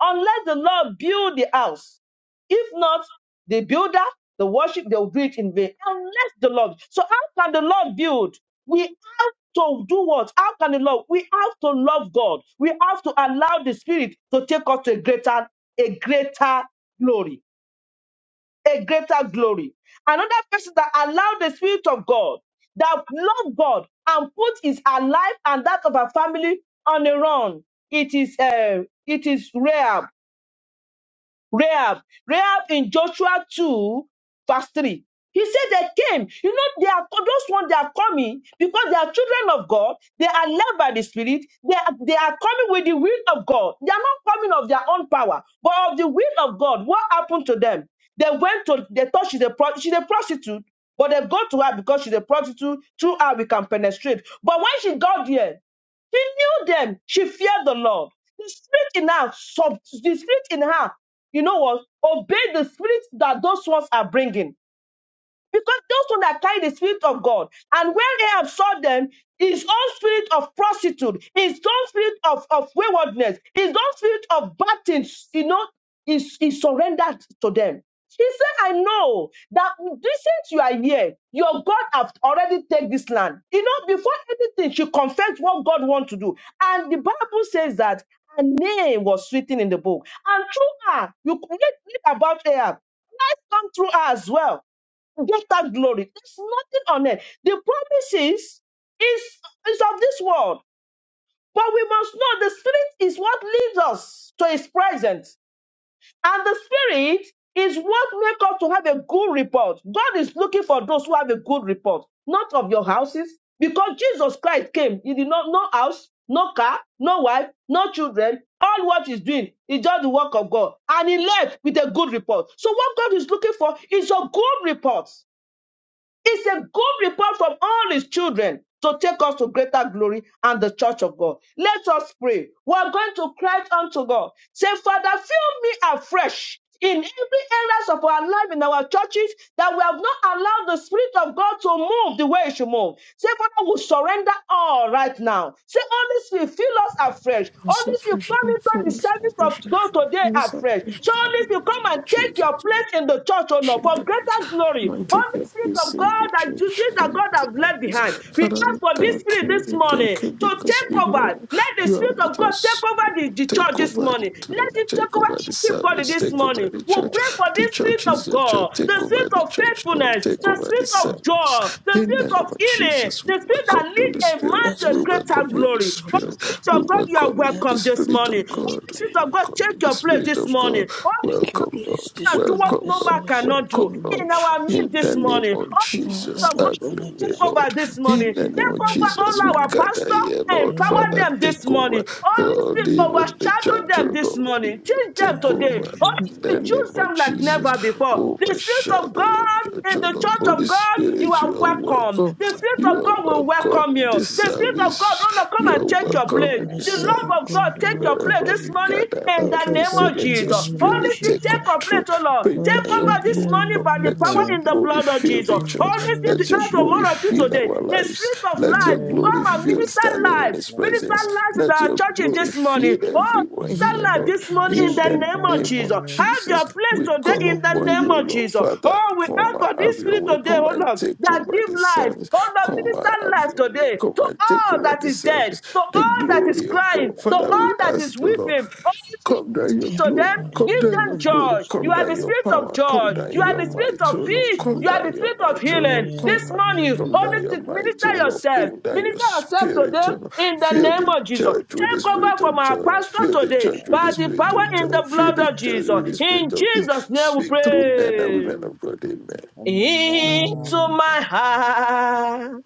[SPEAKER 1] unless the Lord build the house. If not, the builder, the worship, they'll do it in vain. Unless the Lord. So how can the Lord build? We have to do what? How can the Lord? We have to love God. We have to allow the Spirit to take us to a greater, a greater glory a greater glory. Another person that allowed the Spirit of God, that loved God and put his life and that of her family on the run. It is uh, it is Rahab. Rahab. Rahab in Joshua 2, verse 3. He said they came. You know, they are those ones they are coming because they are children of God. They are led by the Spirit. They are, they are coming with the will of God. They are not coming of their own power, but of the will of God. What happened to them? They went to they thought she's a pro- she's a prostitute, but they go to her because she's a prostitute. Through her, we can penetrate. But when she got there, she knew them. She feared the Lord. The spirit in her, sub- the spirit in her, you know what? Obey the spirit that those ones are bringing. Because those who that carry the spirit of God, and when Ahab saw them, his own spirit of prostitute, his own spirit of, of waywardness, his own spirit of bad things, you know, is, is surrendered to them. He said, I know that this since you are here, your God have already taken this land. You know, before anything, she confessed what God wants to do. And the Bible says that her name was written in the book. And through her, you read read about her. Christ come through her as well get that glory. There's nothing on it. The promises is is of this world, but we must know the spirit is what leads us to His presence, and the spirit is what makes us to have a good report. God is looking for those who have a good report, not of your houses, because Jesus Christ came. He did not no house, no car, no wife, no children. All what he's doing is just the work of God, and he left with a good report. So what God is looking for is a good report it's a good report from all his children to take us to greater glory and the church of God. Let us pray. We are going to cry unto God. Say, Father, fill me afresh in every areas of our life in our churches that we have not allowed the spirit of God to move the way it should move. Say, Father, we surrender all right now. Say, Holy Spirit, fill us afresh.
[SPEAKER 2] It's a
[SPEAKER 1] Holy Spirit,
[SPEAKER 2] fresh,
[SPEAKER 1] come into the
[SPEAKER 2] fresh,
[SPEAKER 1] service
[SPEAKER 3] Tax
[SPEAKER 1] of
[SPEAKER 2] fresh.
[SPEAKER 1] God
[SPEAKER 3] adjustments,
[SPEAKER 1] today
[SPEAKER 2] It's a
[SPEAKER 1] afresh.
[SPEAKER 2] fresh,
[SPEAKER 1] So,
[SPEAKER 3] tax
[SPEAKER 1] Holy Spirit, come and
[SPEAKER 2] fresh,
[SPEAKER 3] adjustments,
[SPEAKER 1] take
[SPEAKER 3] and
[SPEAKER 2] fresh.
[SPEAKER 1] your place in the church, oh
[SPEAKER 3] the
[SPEAKER 1] Lord, for greater
[SPEAKER 2] Shimmer,
[SPEAKER 1] of
[SPEAKER 3] market
[SPEAKER 1] greater
[SPEAKER 3] trust and
[SPEAKER 1] glory.
[SPEAKER 3] balance,
[SPEAKER 2] mighty
[SPEAKER 1] Holy
[SPEAKER 2] God,
[SPEAKER 1] Spirit
[SPEAKER 2] we
[SPEAKER 1] of
[SPEAKER 2] sing the
[SPEAKER 1] God that you
[SPEAKER 2] church,
[SPEAKER 1] did that
[SPEAKER 2] mighty
[SPEAKER 1] God
[SPEAKER 3] by
[SPEAKER 1] have
[SPEAKER 2] God,
[SPEAKER 3] that
[SPEAKER 1] left
[SPEAKER 2] we sing.
[SPEAKER 3] lawyer
[SPEAKER 1] behind.
[SPEAKER 3] and
[SPEAKER 1] We
[SPEAKER 2] Father,
[SPEAKER 3] that,
[SPEAKER 1] ask
[SPEAKER 2] we
[SPEAKER 1] for this
[SPEAKER 2] thank
[SPEAKER 1] spirit
[SPEAKER 2] you,
[SPEAKER 1] this
[SPEAKER 3] that's
[SPEAKER 2] we
[SPEAKER 3] why
[SPEAKER 1] morning
[SPEAKER 2] thank you
[SPEAKER 3] none of
[SPEAKER 1] to
[SPEAKER 3] this
[SPEAKER 2] because we
[SPEAKER 1] take
[SPEAKER 3] lawyer
[SPEAKER 2] know
[SPEAKER 1] over.
[SPEAKER 3] file,
[SPEAKER 1] Let the
[SPEAKER 3] I
[SPEAKER 2] you are
[SPEAKER 3] think
[SPEAKER 1] spirit
[SPEAKER 3] I'm
[SPEAKER 1] of
[SPEAKER 2] with
[SPEAKER 1] God
[SPEAKER 3] going to,
[SPEAKER 1] take
[SPEAKER 2] us. Oh,
[SPEAKER 1] over the, the church
[SPEAKER 2] Take
[SPEAKER 3] to
[SPEAKER 1] this
[SPEAKER 2] over the
[SPEAKER 1] morning.
[SPEAKER 3] be different
[SPEAKER 1] Let
[SPEAKER 2] club,
[SPEAKER 1] it
[SPEAKER 3] level.
[SPEAKER 1] take
[SPEAKER 2] take over the
[SPEAKER 1] over
[SPEAKER 3] My
[SPEAKER 1] everybody
[SPEAKER 2] service,
[SPEAKER 3] tip
[SPEAKER 1] this
[SPEAKER 3] for
[SPEAKER 2] take
[SPEAKER 3] that
[SPEAKER 2] over
[SPEAKER 1] morning.
[SPEAKER 2] the
[SPEAKER 1] we
[SPEAKER 2] church.
[SPEAKER 3] is,
[SPEAKER 1] pray for
[SPEAKER 2] The
[SPEAKER 1] this
[SPEAKER 3] I
[SPEAKER 2] church
[SPEAKER 3] do
[SPEAKER 1] spirit
[SPEAKER 2] is
[SPEAKER 1] of
[SPEAKER 3] the
[SPEAKER 2] your
[SPEAKER 3] tax
[SPEAKER 2] church,
[SPEAKER 1] God,
[SPEAKER 3] on
[SPEAKER 2] take
[SPEAKER 1] the
[SPEAKER 3] those, I
[SPEAKER 2] over
[SPEAKER 1] spirit
[SPEAKER 2] the
[SPEAKER 3] have
[SPEAKER 1] of
[SPEAKER 3] a
[SPEAKER 2] church,
[SPEAKER 3] little bit
[SPEAKER 2] Lord,
[SPEAKER 1] faithfulness,
[SPEAKER 3] of
[SPEAKER 2] take
[SPEAKER 1] the
[SPEAKER 3] something
[SPEAKER 2] over
[SPEAKER 3] to
[SPEAKER 2] the
[SPEAKER 1] spirit of
[SPEAKER 2] service.
[SPEAKER 1] joy, the
[SPEAKER 2] In the
[SPEAKER 1] spirit of
[SPEAKER 2] name of
[SPEAKER 1] healing,
[SPEAKER 2] Jesus, we
[SPEAKER 1] the spirit
[SPEAKER 4] Jesus,
[SPEAKER 1] that
[SPEAKER 2] welcome the
[SPEAKER 1] leads
[SPEAKER 2] Holy
[SPEAKER 1] a
[SPEAKER 3] like
[SPEAKER 1] man
[SPEAKER 4] as
[SPEAKER 2] Spirit,
[SPEAKER 4] it
[SPEAKER 2] we
[SPEAKER 1] to
[SPEAKER 4] is
[SPEAKER 1] greater
[SPEAKER 2] welcome
[SPEAKER 4] spirit
[SPEAKER 2] the
[SPEAKER 4] of
[SPEAKER 2] Holy
[SPEAKER 4] the
[SPEAKER 1] glory. Oh,
[SPEAKER 4] living oh
[SPEAKER 2] Spirit,
[SPEAKER 4] God,
[SPEAKER 2] we
[SPEAKER 1] Spirit of
[SPEAKER 3] and
[SPEAKER 1] God, you
[SPEAKER 3] that's,
[SPEAKER 1] are
[SPEAKER 2] welcome you,
[SPEAKER 4] that that
[SPEAKER 2] the
[SPEAKER 3] so
[SPEAKER 1] welcome this
[SPEAKER 3] that's
[SPEAKER 2] Spirit
[SPEAKER 3] why
[SPEAKER 1] morning.
[SPEAKER 2] of
[SPEAKER 4] spirit of
[SPEAKER 3] I
[SPEAKER 1] Oh,
[SPEAKER 2] God,
[SPEAKER 3] think
[SPEAKER 2] we
[SPEAKER 1] Spirit of
[SPEAKER 4] God,
[SPEAKER 1] God,
[SPEAKER 2] welcome you,
[SPEAKER 1] take your
[SPEAKER 3] that's,
[SPEAKER 2] the
[SPEAKER 3] that's
[SPEAKER 1] place
[SPEAKER 2] Spirit
[SPEAKER 1] this
[SPEAKER 2] of
[SPEAKER 3] where I,
[SPEAKER 1] morning.
[SPEAKER 2] God.
[SPEAKER 4] take your
[SPEAKER 2] Welcome,
[SPEAKER 1] Oh,
[SPEAKER 2] Lord.
[SPEAKER 4] place
[SPEAKER 3] I
[SPEAKER 1] and
[SPEAKER 4] this
[SPEAKER 1] do
[SPEAKER 3] think
[SPEAKER 4] morning
[SPEAKER 1] what
[SPEAKER 4] as
[SPEAKER 3] that's,
[SPEAKER 2] Welcome,
[SPEAKER 1] no man
[SPEAKER 2] Lord.
[SPEAKER 3] that's
[SPEAKER 4] service
[SPEAKER 3] what
[SPEAKER 4] in
[SPEAKER 3] I'm
[SPEAKER 1] cannot do
[SPEAKER 4] the
[SPEAKER 2] Welcome,
[SPEAKER 4] name of
[SPEAKER 1] in
[SPEAKER 2] Lord.
[SPEAKER 3] saying,
[SPEAKER 1] our midst
[SPEAKER 2] In
[SPEAKER 1] this
[SPEAKER 2] the
[SPEAKER 4] Jesus.
[SPEAKER 2] name
[SPEAKER 1] morning.
[SPEAKER 3] We
[SPEAKER 2] of
[SPEAKER 3] just
[SPEAKER 1] Oh,
[SPEAKER 4] Father,
[SPEAKER 2] Jesus,
[SPEAKER 1] Spirit of
[SPEAKER 3] thank
[SPEAKER 1] God,
[SPEAKER 4] oh
[SPEAKER 2] have
[SPEAKER 3] you
[SPEAKER 4] God,
[SPEAKER 2] your
[SPEAKER 4] let
[SPEAKER 3] for
[SPEAKER 4] the
[SPEAKER 2] way,
[SPEAKER 1] take
[SPEAKER 3] this
[SPEAKER 2] Lord.
[SPEAKER 1] over
[SPEAKER 4] spirit of
[SPEAKER 1] this
[SPEAKER 4] God
[SPEAKER 3] love.
[SPEAKER 1] morning.
[SPEAKER 2] In the
[SPEAKER 4] take
[SPEAKER 2] name
[SPEAKER 1] Take
[SPEAKER 2] of
[SPEAKER 4] over
[SPEAKER 1] over
[SPEAKER 3] Thank
[SPEAKER 4] this
[SPEAKER 2] Jesus, we
[SPEAKER 1] all our
[SPEAKER 4] morning.
[SPEAKER 2] gather here,
[SPEAKER 3] you,
[SPEAKER 1] pastor,
[SPEAKER 3] Jesus,
[SPEAKER 4] In
[SPEAKER 2] Lord.
[SPEAKER 3] for all you have done
[SPEAKER 4] the
[SPEAKER 1] empower
[SPEAKER 4] name
[SPEAKER 2] Father,
[SPEAKER 1] them
[SPEAKER 3] this
[SPEAKER 2] take
[SPEAKER 4] of
[SPEAKER 1] this
[SPEAKER 3] month.
[SPEAKER 4] Jesus,
[SPEAKER 1] morning.
[SPEAKER 2] over.
[SPEAKER 1] Holy
[SPEAKER 2] Lord,
[SPEAKER 3] Thank
[SPEAKER 1] Spirit,
[SPEAKER 2] even
[SPEAKER 4] Amen.
[SPEAKER 3] you,
[SPEAKER 2] the
[SPEAKER 3] Lord.
[SPEAKER 1] overshadow
[SPEAKER 2] church,
[SPEAKER 1] them
[SPEAKER 2] oh
[SPEAKER 1] this
[SPEAKER 2] Lord,
[SPEAKER 3] hallelujah.
[SPEAKER 2] you
[SPEAKER 1] morning.
[SPEAKER 2] will
[SPEAKER 1] Teach
[SPEAKER 3] And
[SPEAKER 1] them
[SPEAKER 3] I
[SPEAKER 2] take
[SPEAKER 4] Amen.
[SPEAKER 3] will
[SPEAKER 1] today.
[SPEAKER 2] over.
[SPEAKER 3] thank
[SPEAKER 1] Holy
[SPEAKER 4] Amen.
[SPEAKER 3] you,
[SPEAKER 2] In the
[SPEAKER 3] Lord.
[SPEAKER 1] Spirit,
[SPEAKER 2] name
[SPEAKER 1] use
[SPEAKER 2] of
[SPEAKER 1] them like
[SPEAKER 2] Jesus,
[SPEAKER 1] never
[SPEAKER 4] Amen.
[SPEAKER 3] Thank you,
[SPEAKER 1] before.
[SPEAKER 3] Jesus,
[SPEAKER 1] The
[SPEAKER 3] for
[SPEAKER 1] Spirit of
[SPEAKER 3] this
[SPEAKER 2] overshadow your
[SPEAKER 3] time
[SPEAKER 1] God
[SPEAKER 2] church,
[SPEAKER 1] in
[SPEAKER 2] oh
[SPEAKER 1] the
[SPEAKER 2] Lord.
[SPEAKER 1] church
[SPEAKER 4] Amen.
[SPEAKER 1] of
[SPEAKER 2] Holy
[SPEAKER 1] God,
[SPEAKER 3] Thank
[SPEAKER 1] you
[SPEAKER 2] Spirit,
[SPEAKER 3] you,
[SPEAKER 1] are
[SPEAKER 2] you are
[SPEAKER 3] Jesus, for
[SPEAKER 1] welcome.
[SPEAKER 3] the
[SPEAKER 2] welcome.
[SPEAKER 1] The
[SPEAKER 3] love
[SPEAKER 1] Spirit
[SPEAKER 3] of
[SPEAKER 2] You
[SPEAKER 1] of
[SPEAKER 2] are
[SPEAKER 1] God
[SPEAKER 3] God.
[SPEAKER 1] will
[SPEAKER 2] welcome
[SPEAKER 1] welcome
[SPEAKER 2] in
[SPEAKER 1] you.
[SPEAKER 3] Thank
[SPEAKER 2] this
[SPEAKER 3] you,
[SPEAKER 1] The
[SPEAKER 3] Jesus.
[SPEAKER 1] Spirit of God, oh
[SPEAKER 2] service.
[SPEAKER 1] Lord, come
[SPEAKER 2] You
[SPEAKER 1] and
[SPEAKER 2] are
[SPEAKER 3] Thank you, Lord. Thank you, Jesus.
[SPEAKER 1] take
[SPEAKER 3] Thank
[SPEAKER 1] your
[SPEAKER 4] Father, oh
[SPEAKER 2] welcome
[SPEAKER 3] you,
[SPEAKER 1] place.
[SPEAKER 2] in
[SPEAKER 4] God, the
[SPEAKER 2] this
[SPEAKER 1] The
[SPEAKER 4] spirit
[SPEAKER 1] love
[SPEAKER 3] Lord.
[SPEAKER 4] of
[SPEAKER 1] of
[SPEAKER 2] service.
[SPEAKER 4] God,
[SPEAKER 1] God, take your
[SPEAKER 3] Thank
[SPEAKER 1] place
[SPEAKER 4] welcome
[SPEAKER 2] Wherever
[SPEAKER 3] you,
[SPEAKER 1] this
[SPEAKER 4] you.
[SPEAKER 2] we
[SPEAKER 3] Jesus,
[SPEAKER 1] morning
[SPEAKER 3] for your love. Thank you, Jesus, for your love.
[SPEAKER 2] gather
[SPEAKER 1] in
[SPEAKER 2] now
[SPEAKER 1] the
[SPEAKER 4] Take your
[SPEAKER 2] to
[SPEAKER 1] name
[SPEAKER 2] say,
[SPEAKER 1] of
[SPEAKER 4] place
[SPEAKER 3] Thank
[SPEAKER 2] let
[SPEAKER 4] in
[SPEAKER 2] your
[SPEAKER 4] the
[SPEAKER 1] Jesus.
[SPEAKER 4] name of
[SPEAKER 1] Only
[SPEAKER 2] spirit
[SPEAKER 1] if you
[SPEAKER 2] take
[SPEAKER 1] take
[SPEAKER 4] Jesus.
[SPEAKER 1] your place,
[SPEAKER 2] control.
[SPEAKER 1] oh Lord,
[SPEAKER 2] Bring
[SPEAKER 4] I
[SPEAKER 1] take
[SPEAKER 2] down your
[SPEAKER 1] over
[SPEAKER 4] spirit,
[SPEAKER 1] this
[SPEAKER 4] you
[SPEAKER 2] glory,
[SPEAKER 1] morning
[SPEAKER 2] Lord.
[SPEAKER 1] by the
[SPEAKER 2] Let
[SPEAKER 1] power
[SPEAKER 2] your
[SPEAKER 4] in
[SPEAKER 1] in the
[SPEAKER 2] glory
[SPEAKER 1] blood of
[SPEAKER 2] fill
[SPEAKER 1] Jesus.
[SPEAKER 2] the
[SPEAKER 4] the
[SPEAKER 1] Only
[SPEAKER 2] church.
[SPEAKER 1] if you
[SPEAKER 4] name
[SPEAKER 2] Let
[SPEAKER 4] of
[SPEAKER 2] your
[SPEAKER 1] ask for
[SPEAKER 2] glory
[SPEAKER 1] more of
[SPEAKER 4] Jesus.
[SPEAKER 1] you
[SPEAKER 2] fill
[SPEAKER 1] today,
[SPEAKER 2] our
[SPEAKER 1] the
[SPEAKER 2] lives.
[SPEAKER 1] Spirit of
[SPEAKER 2] Let your
[SPEAKER 1] life, come
[SPEAKER 2] glory
[SPEAKER 3] you,
[SPEAKER 4] Amen.
[SPEAKER 1] and
[SPEAKER 2] fill
[SPEAKER 3] Jesus,
[SPEAKER 1] minister
[SPEAKER 2] standing in
[SPEAKER 1] life.
[SPEAKER 3] for
[SPEAKER 2] his
[SPEAKER 3] your
[SPEAKER 1] Minister
[SPEAKER 2] presence.
[SPEAKER 1] life to
[SPEAKER 3] love.
[SPEAKER 1] the
[SPEAKER 2] Let your
[SPEAKER 1] churches
[SPEAKER 2] glory
[SPEAKER 1] this morning.
[SPEAKER 2] fill
[SPEAKER 1] Oh,
[SPEAKER 4] In
[SPEAKER 2] everyone
[SPEAKER 4] the
[SPEAKER 1] Stand
[SPEAKER 2] here,
[SPEAKER 1] like
[SPEAKER 4] name of
[SPEAKER 2] Lord.
[SPEAKER 1] this morning in
[SPEAKER 2] In
[SPEAKER 4] Jesus,
[SPEAKER 1] the
[SPEAKER 2] the
[SPEAKER 4] Lord
[SPEAKER 1] name
[SPEAKER 4] God,
[SPEAKER 1] of
[SPEAKER 2] name
[SPEAKER 4] in
[SPEAKER 2] of
[SPEAKER 4] the
[SPEAKER 1] Jesus.
[SPEAKER 4] Lord.
[SPEAKER 1] Have
[SPEAKER 2] Jesus,
[SPEAKER 1] your place
[SPEAKER 2] we
[SPEAKER 1] today
[SPEAKER 2] call
[SPEAKER 1] in the
[SPEAKER 4] Hallelujah.
[SPEAKER 2] upon
[SPEAKER 1] name
[SPEAKER 2] you,
[SPEAKER 1] of
[SPEAKER 2] Lord.
[SPEAKER 1] Jesus.
[SPEAKER 2] Father,
[SPEAKER 1] Oh, we
[SPEAKER 2] come
[SPEAKER 1] ask
[SPEAKER 2] and
[SPEAKER 1] for
[SPEAKER 2] have
[SPEAKER 1] this
[SPEAKER 2] your
[SPEAKER 1] spirit
[SPEAKER 2] way.
[SPEAKER 1] today,
[SPEAKER 2] Come
[SPEAKER 1] oh
[SPEAKER 2] and
[SPEAKER 1] Lord,
[SPEAKER 2] take
[SPEAKER 1] that
[SPEAKER 2] over
[SPEAKER 1] give
[SPEAKER 2] the
[SPEAKER 1] life,
[SPEAKER 2] service.
[SPEAKER 1] oh Lord,
[SPEAKER 2] Come
[SPEAKER 1] minister
[SPEAKER 2] and have
[SPEAKER 1] life
[SPEAKER 2] your way.
[SPEAKER 1] today
[SPEAKER 2] Take
[SPEAKER 1] to
[SPEAKER 2] over, take
[SPEAKER 1] all
[SPEAKER 2] over
[SPEAKER 1] that
[SPEAKER 2] this
[SPEAKER 1] is dead,
[SPEAKER 2] service,
[SPEAKER 1] to
[SPEAKER 2] the
[SPEAKER 1] all that is
[SPEAKER 2] glory of
[SPEAKER 1] crying,
[SPEAKER 2] God.
[SPEAKER 1] to
[SPEAKER 2] Father, we
[SPEAKER 1] all that is
[SPEAKER 2] ask the Lord,
[SPEAKER 1] weeping. Oh, if you
[SPEAKER 2] come down your
[SPEAKER 1] minister to
[SPEAKER 2] glory,
[SPEAKER 1] them,
[SPEAKER 4] In the
[SPEAKER 2] come
[SPEAKER 1] give
[SPEAKER 2] down
[SPEAKER 4] name
[SPEAKER 1] them
[SPEAKER 2] your
[SPEAKER 4] of
[SPEAKER 2] glory,
[SPEAKER 1] joy.
[SPEAKER 4] Jesus,
[SPEAKER 1] You
[SPEAKER 2] come
[SPEAKER 4] Lord
[SPEAKER 1] are
[SPEAKER 2] down
[SPEAKER 1] the
[SPEAKER 2] your
[SPEAKER 4] God.
[SPEAKER 1] spirit of
[SPEAKER 2] power, come
[SPEAKER 1] joy.
[SPEAKER 4] In the
[SPEAKER 1] You
[SPEAKER 2] down
[SPEAKER 1] are
[SPEAKER 2] your
[SPEAKER 1] the
[SPEAKER 4] name of
[SPEAKER 1] spirit
[SPEAKER 2] might, O
[SPEAKER 1] of
[SPEAKER 4] Jesus,
[SPEAKER 2] Lord,
[SPEAKER 1] peace.
[SPEAKER 2] come
[SPEAKER 1] You
[SPEAKER 4] Lord.
[SPEAKER 1] are
[SPEAKER 2] down
[SPEAKER 1] the
[SPEAKER 2] your
[SPEAKER 1] spirit of
[SPEAKER 2] might, O
[SPEAKER 4] And
[SPEAKER 1] healing.
[SPEAKER 2] Lord,
[SPEAKER 4] I am
[SPEAKER 2] come
[SPEAKER 1] This
[SPEAKER 2] on.
[SPEAKER 4] as I
[SPEAKER 1] morning,
[SPEAKER 2] Come
[SPEAKER 4] am,
[SPEAKER 1] Holy
[SPEAKER 2] down
[SPEAKER 4] Lord.
[SPEAKER 2] your
[SPEAKER 1] Spirit,
[SPEAKER 2] might, O
[SPEAKER 1] minister
[SPEAKER 2] Lord.
[SPEAKER 1] yourself.
[SPEAKER 2] Bring down your
[SPEAKER 1] Minister yourself
[SPEAKER 2] spirit,
[SPEAKER 1] today
[SPEAKER 2] O Lord.
[SPEAKER 1] in the
[SPEAKER 2] Fill
[SPEAKER 1] name
[SPEAKER 2] the
[SPEAKER 1] of Jesus.
[SPEAKER 2] church with the
[SPEAKER 1] Take over
[SPEAKER 2] spirit
[SPEAKER 1] from
[SPEAKER 2] of
[SPEAKER 1] our
[SPEAKER 2] joy.
[SPEAKER 1] pastor
[SPEAKER 2] Fill the
[SPEAKER 1] today
[SPEAKER 2] church with
[SPEAKER 1] by
[SPEAKER 2] the
[SPEAKER 1] the
[SPEAKER 4] In
[SPEAKER 2] spirit
[SPEAKER 4] the
[SPEAKER 2] of
[SPEAKER 1] power
[SPEAKER 4] name
[SPEAKER 1] in
[SPEAKER 2] joy.
[SPEAKER 1] the
[SPEAKER 4] of
[SPEAKER 2] Fill
[SPEAKER 1] blood
[SPEAKER 2] the
[SPEAKER 1] of
[SPEAKER 4] Jesus,
[SPEAKER 2] church
[SPEAKER 1] Jesus.
[SPEAKER 2] with the
[SPEAKER 4] Lord God.
[SPEAKER 1] In
[SPEAKER 2] spirit of peace.
[SPEAKER 1] Jesus' name we
[SPEAKER 2] Speak through men and
[SPEAKER 1] pray.
[SPEAKER 2] women of God. Amen.
[SPEAKER 1] Into
[SPEAKER 4] Amen.
[SPEAKER 1] my heart,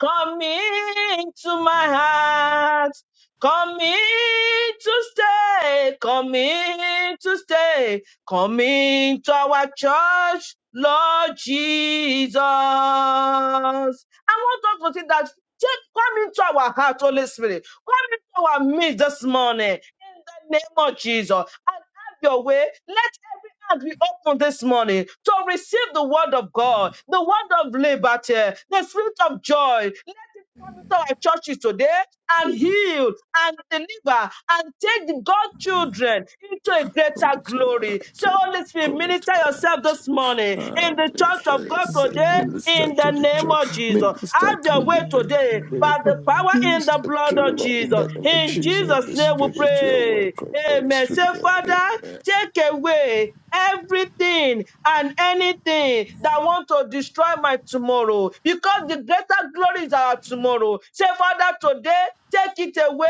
[SPEAKER 1] come into my heart, come in to stay, come in to stay, come into our church, Lord Jesus. I want us to see that Take come into our heart, Holy Spirit. Come into our midst this morning in the name of Jesus. And have your way. Let as we open this morning to receive the word of God, the word of liberty, the spirit of joy. Let it come into our churches today and heal and deliver and take the God children into a greater glory. So, Holy Spirit,
[SPEAKER 2] Commitment.
[SPEAKER 1] minister yourself this morning
[SPEAKER 2] Uh,
[SPEAKER 1] in the church of God
[SPEAKER 2] minister,
[SPEAKER 1] of
[SPEAKER 2] yes,
[SPEAKER 1] God
[SPEAKER 4] In the
[SPEAKER 2] uh,
[SPEAKER 1] today
[SPEAKER 4] name of
[SPEAKER 2] minister
[SPEAKER 1] in the
[SPEAKER 2] to the
[SPEAKER 4] Jesus,
[SPEAKER 1] name
[SPEAKER 2] church,
[SPEAKER 4] Lord
[SPEAKER 1] of
[SPEAKER 4] God.
[SPEAKER 1] Jesus.
[SPEAKER 2] minister
[SPEAKER 1] Have
[SPEAKER 2] to
[SPEAKER 1] your
[SPEAKER 4] And
[SPEAKER 1] way
[SPEAKER 2] the
[SPEAKER 4] I
[SPEAKER 2] men
[SPEAKER 4] will God
[SPEAKER 1] today
[SPEAKER 2] and women,
[SPEAKER 1] by
[SPEAKER 2] of
[SPEAKER 4] I
[SPEAKER 2] God.
[SPEAKER 1] the
[SPEAKER 4] your
[SPEAKER 1] power
[SPEAKER 4] wisdom,
[SPEAKER 1] in the
[SPEAKER 4] Lord.
[SPEAKER 2] minister to
[SPEAKER 1] blood
[SPEAKER 2] the
[SPEAKER 1] of
[SPEAKER 2] Lord in
[SPEAKER 4] God.
[SPEAKER 1] Jesus.
[SPEAKER 2] the
[SPEAKER 4] In the name of Jesus, Lord God. In
[SPEAKER 2] name
[SPEAKER 4] the
[SPEAKER 2] of
[SPEAKER 1] In
[SPEAKER 2] Jesus,
[SPEAKER 4] name of Jesus, Lord
[SPEAKER 1] Jesus'
[SPEAKER 2] Holy
[SPEAKER 1] name we
[SPEAKER 2] Spirit,
[SPEAKER 4] God.
[SPEAKER 2] you are
[SPEAKER 1] pray.
[SPEAKER 2] welcome, Holy
[SPEAKER 1] Amen. Say,
[SPEAKER 2] Spirit, you are-
[SPEAKER 1] Father,
[SPEAKER 2] amen.
[SPEAKER 1] take away everything and anything that want to destroy my tomorrow because the greater glory is our tomorrow say father today take it away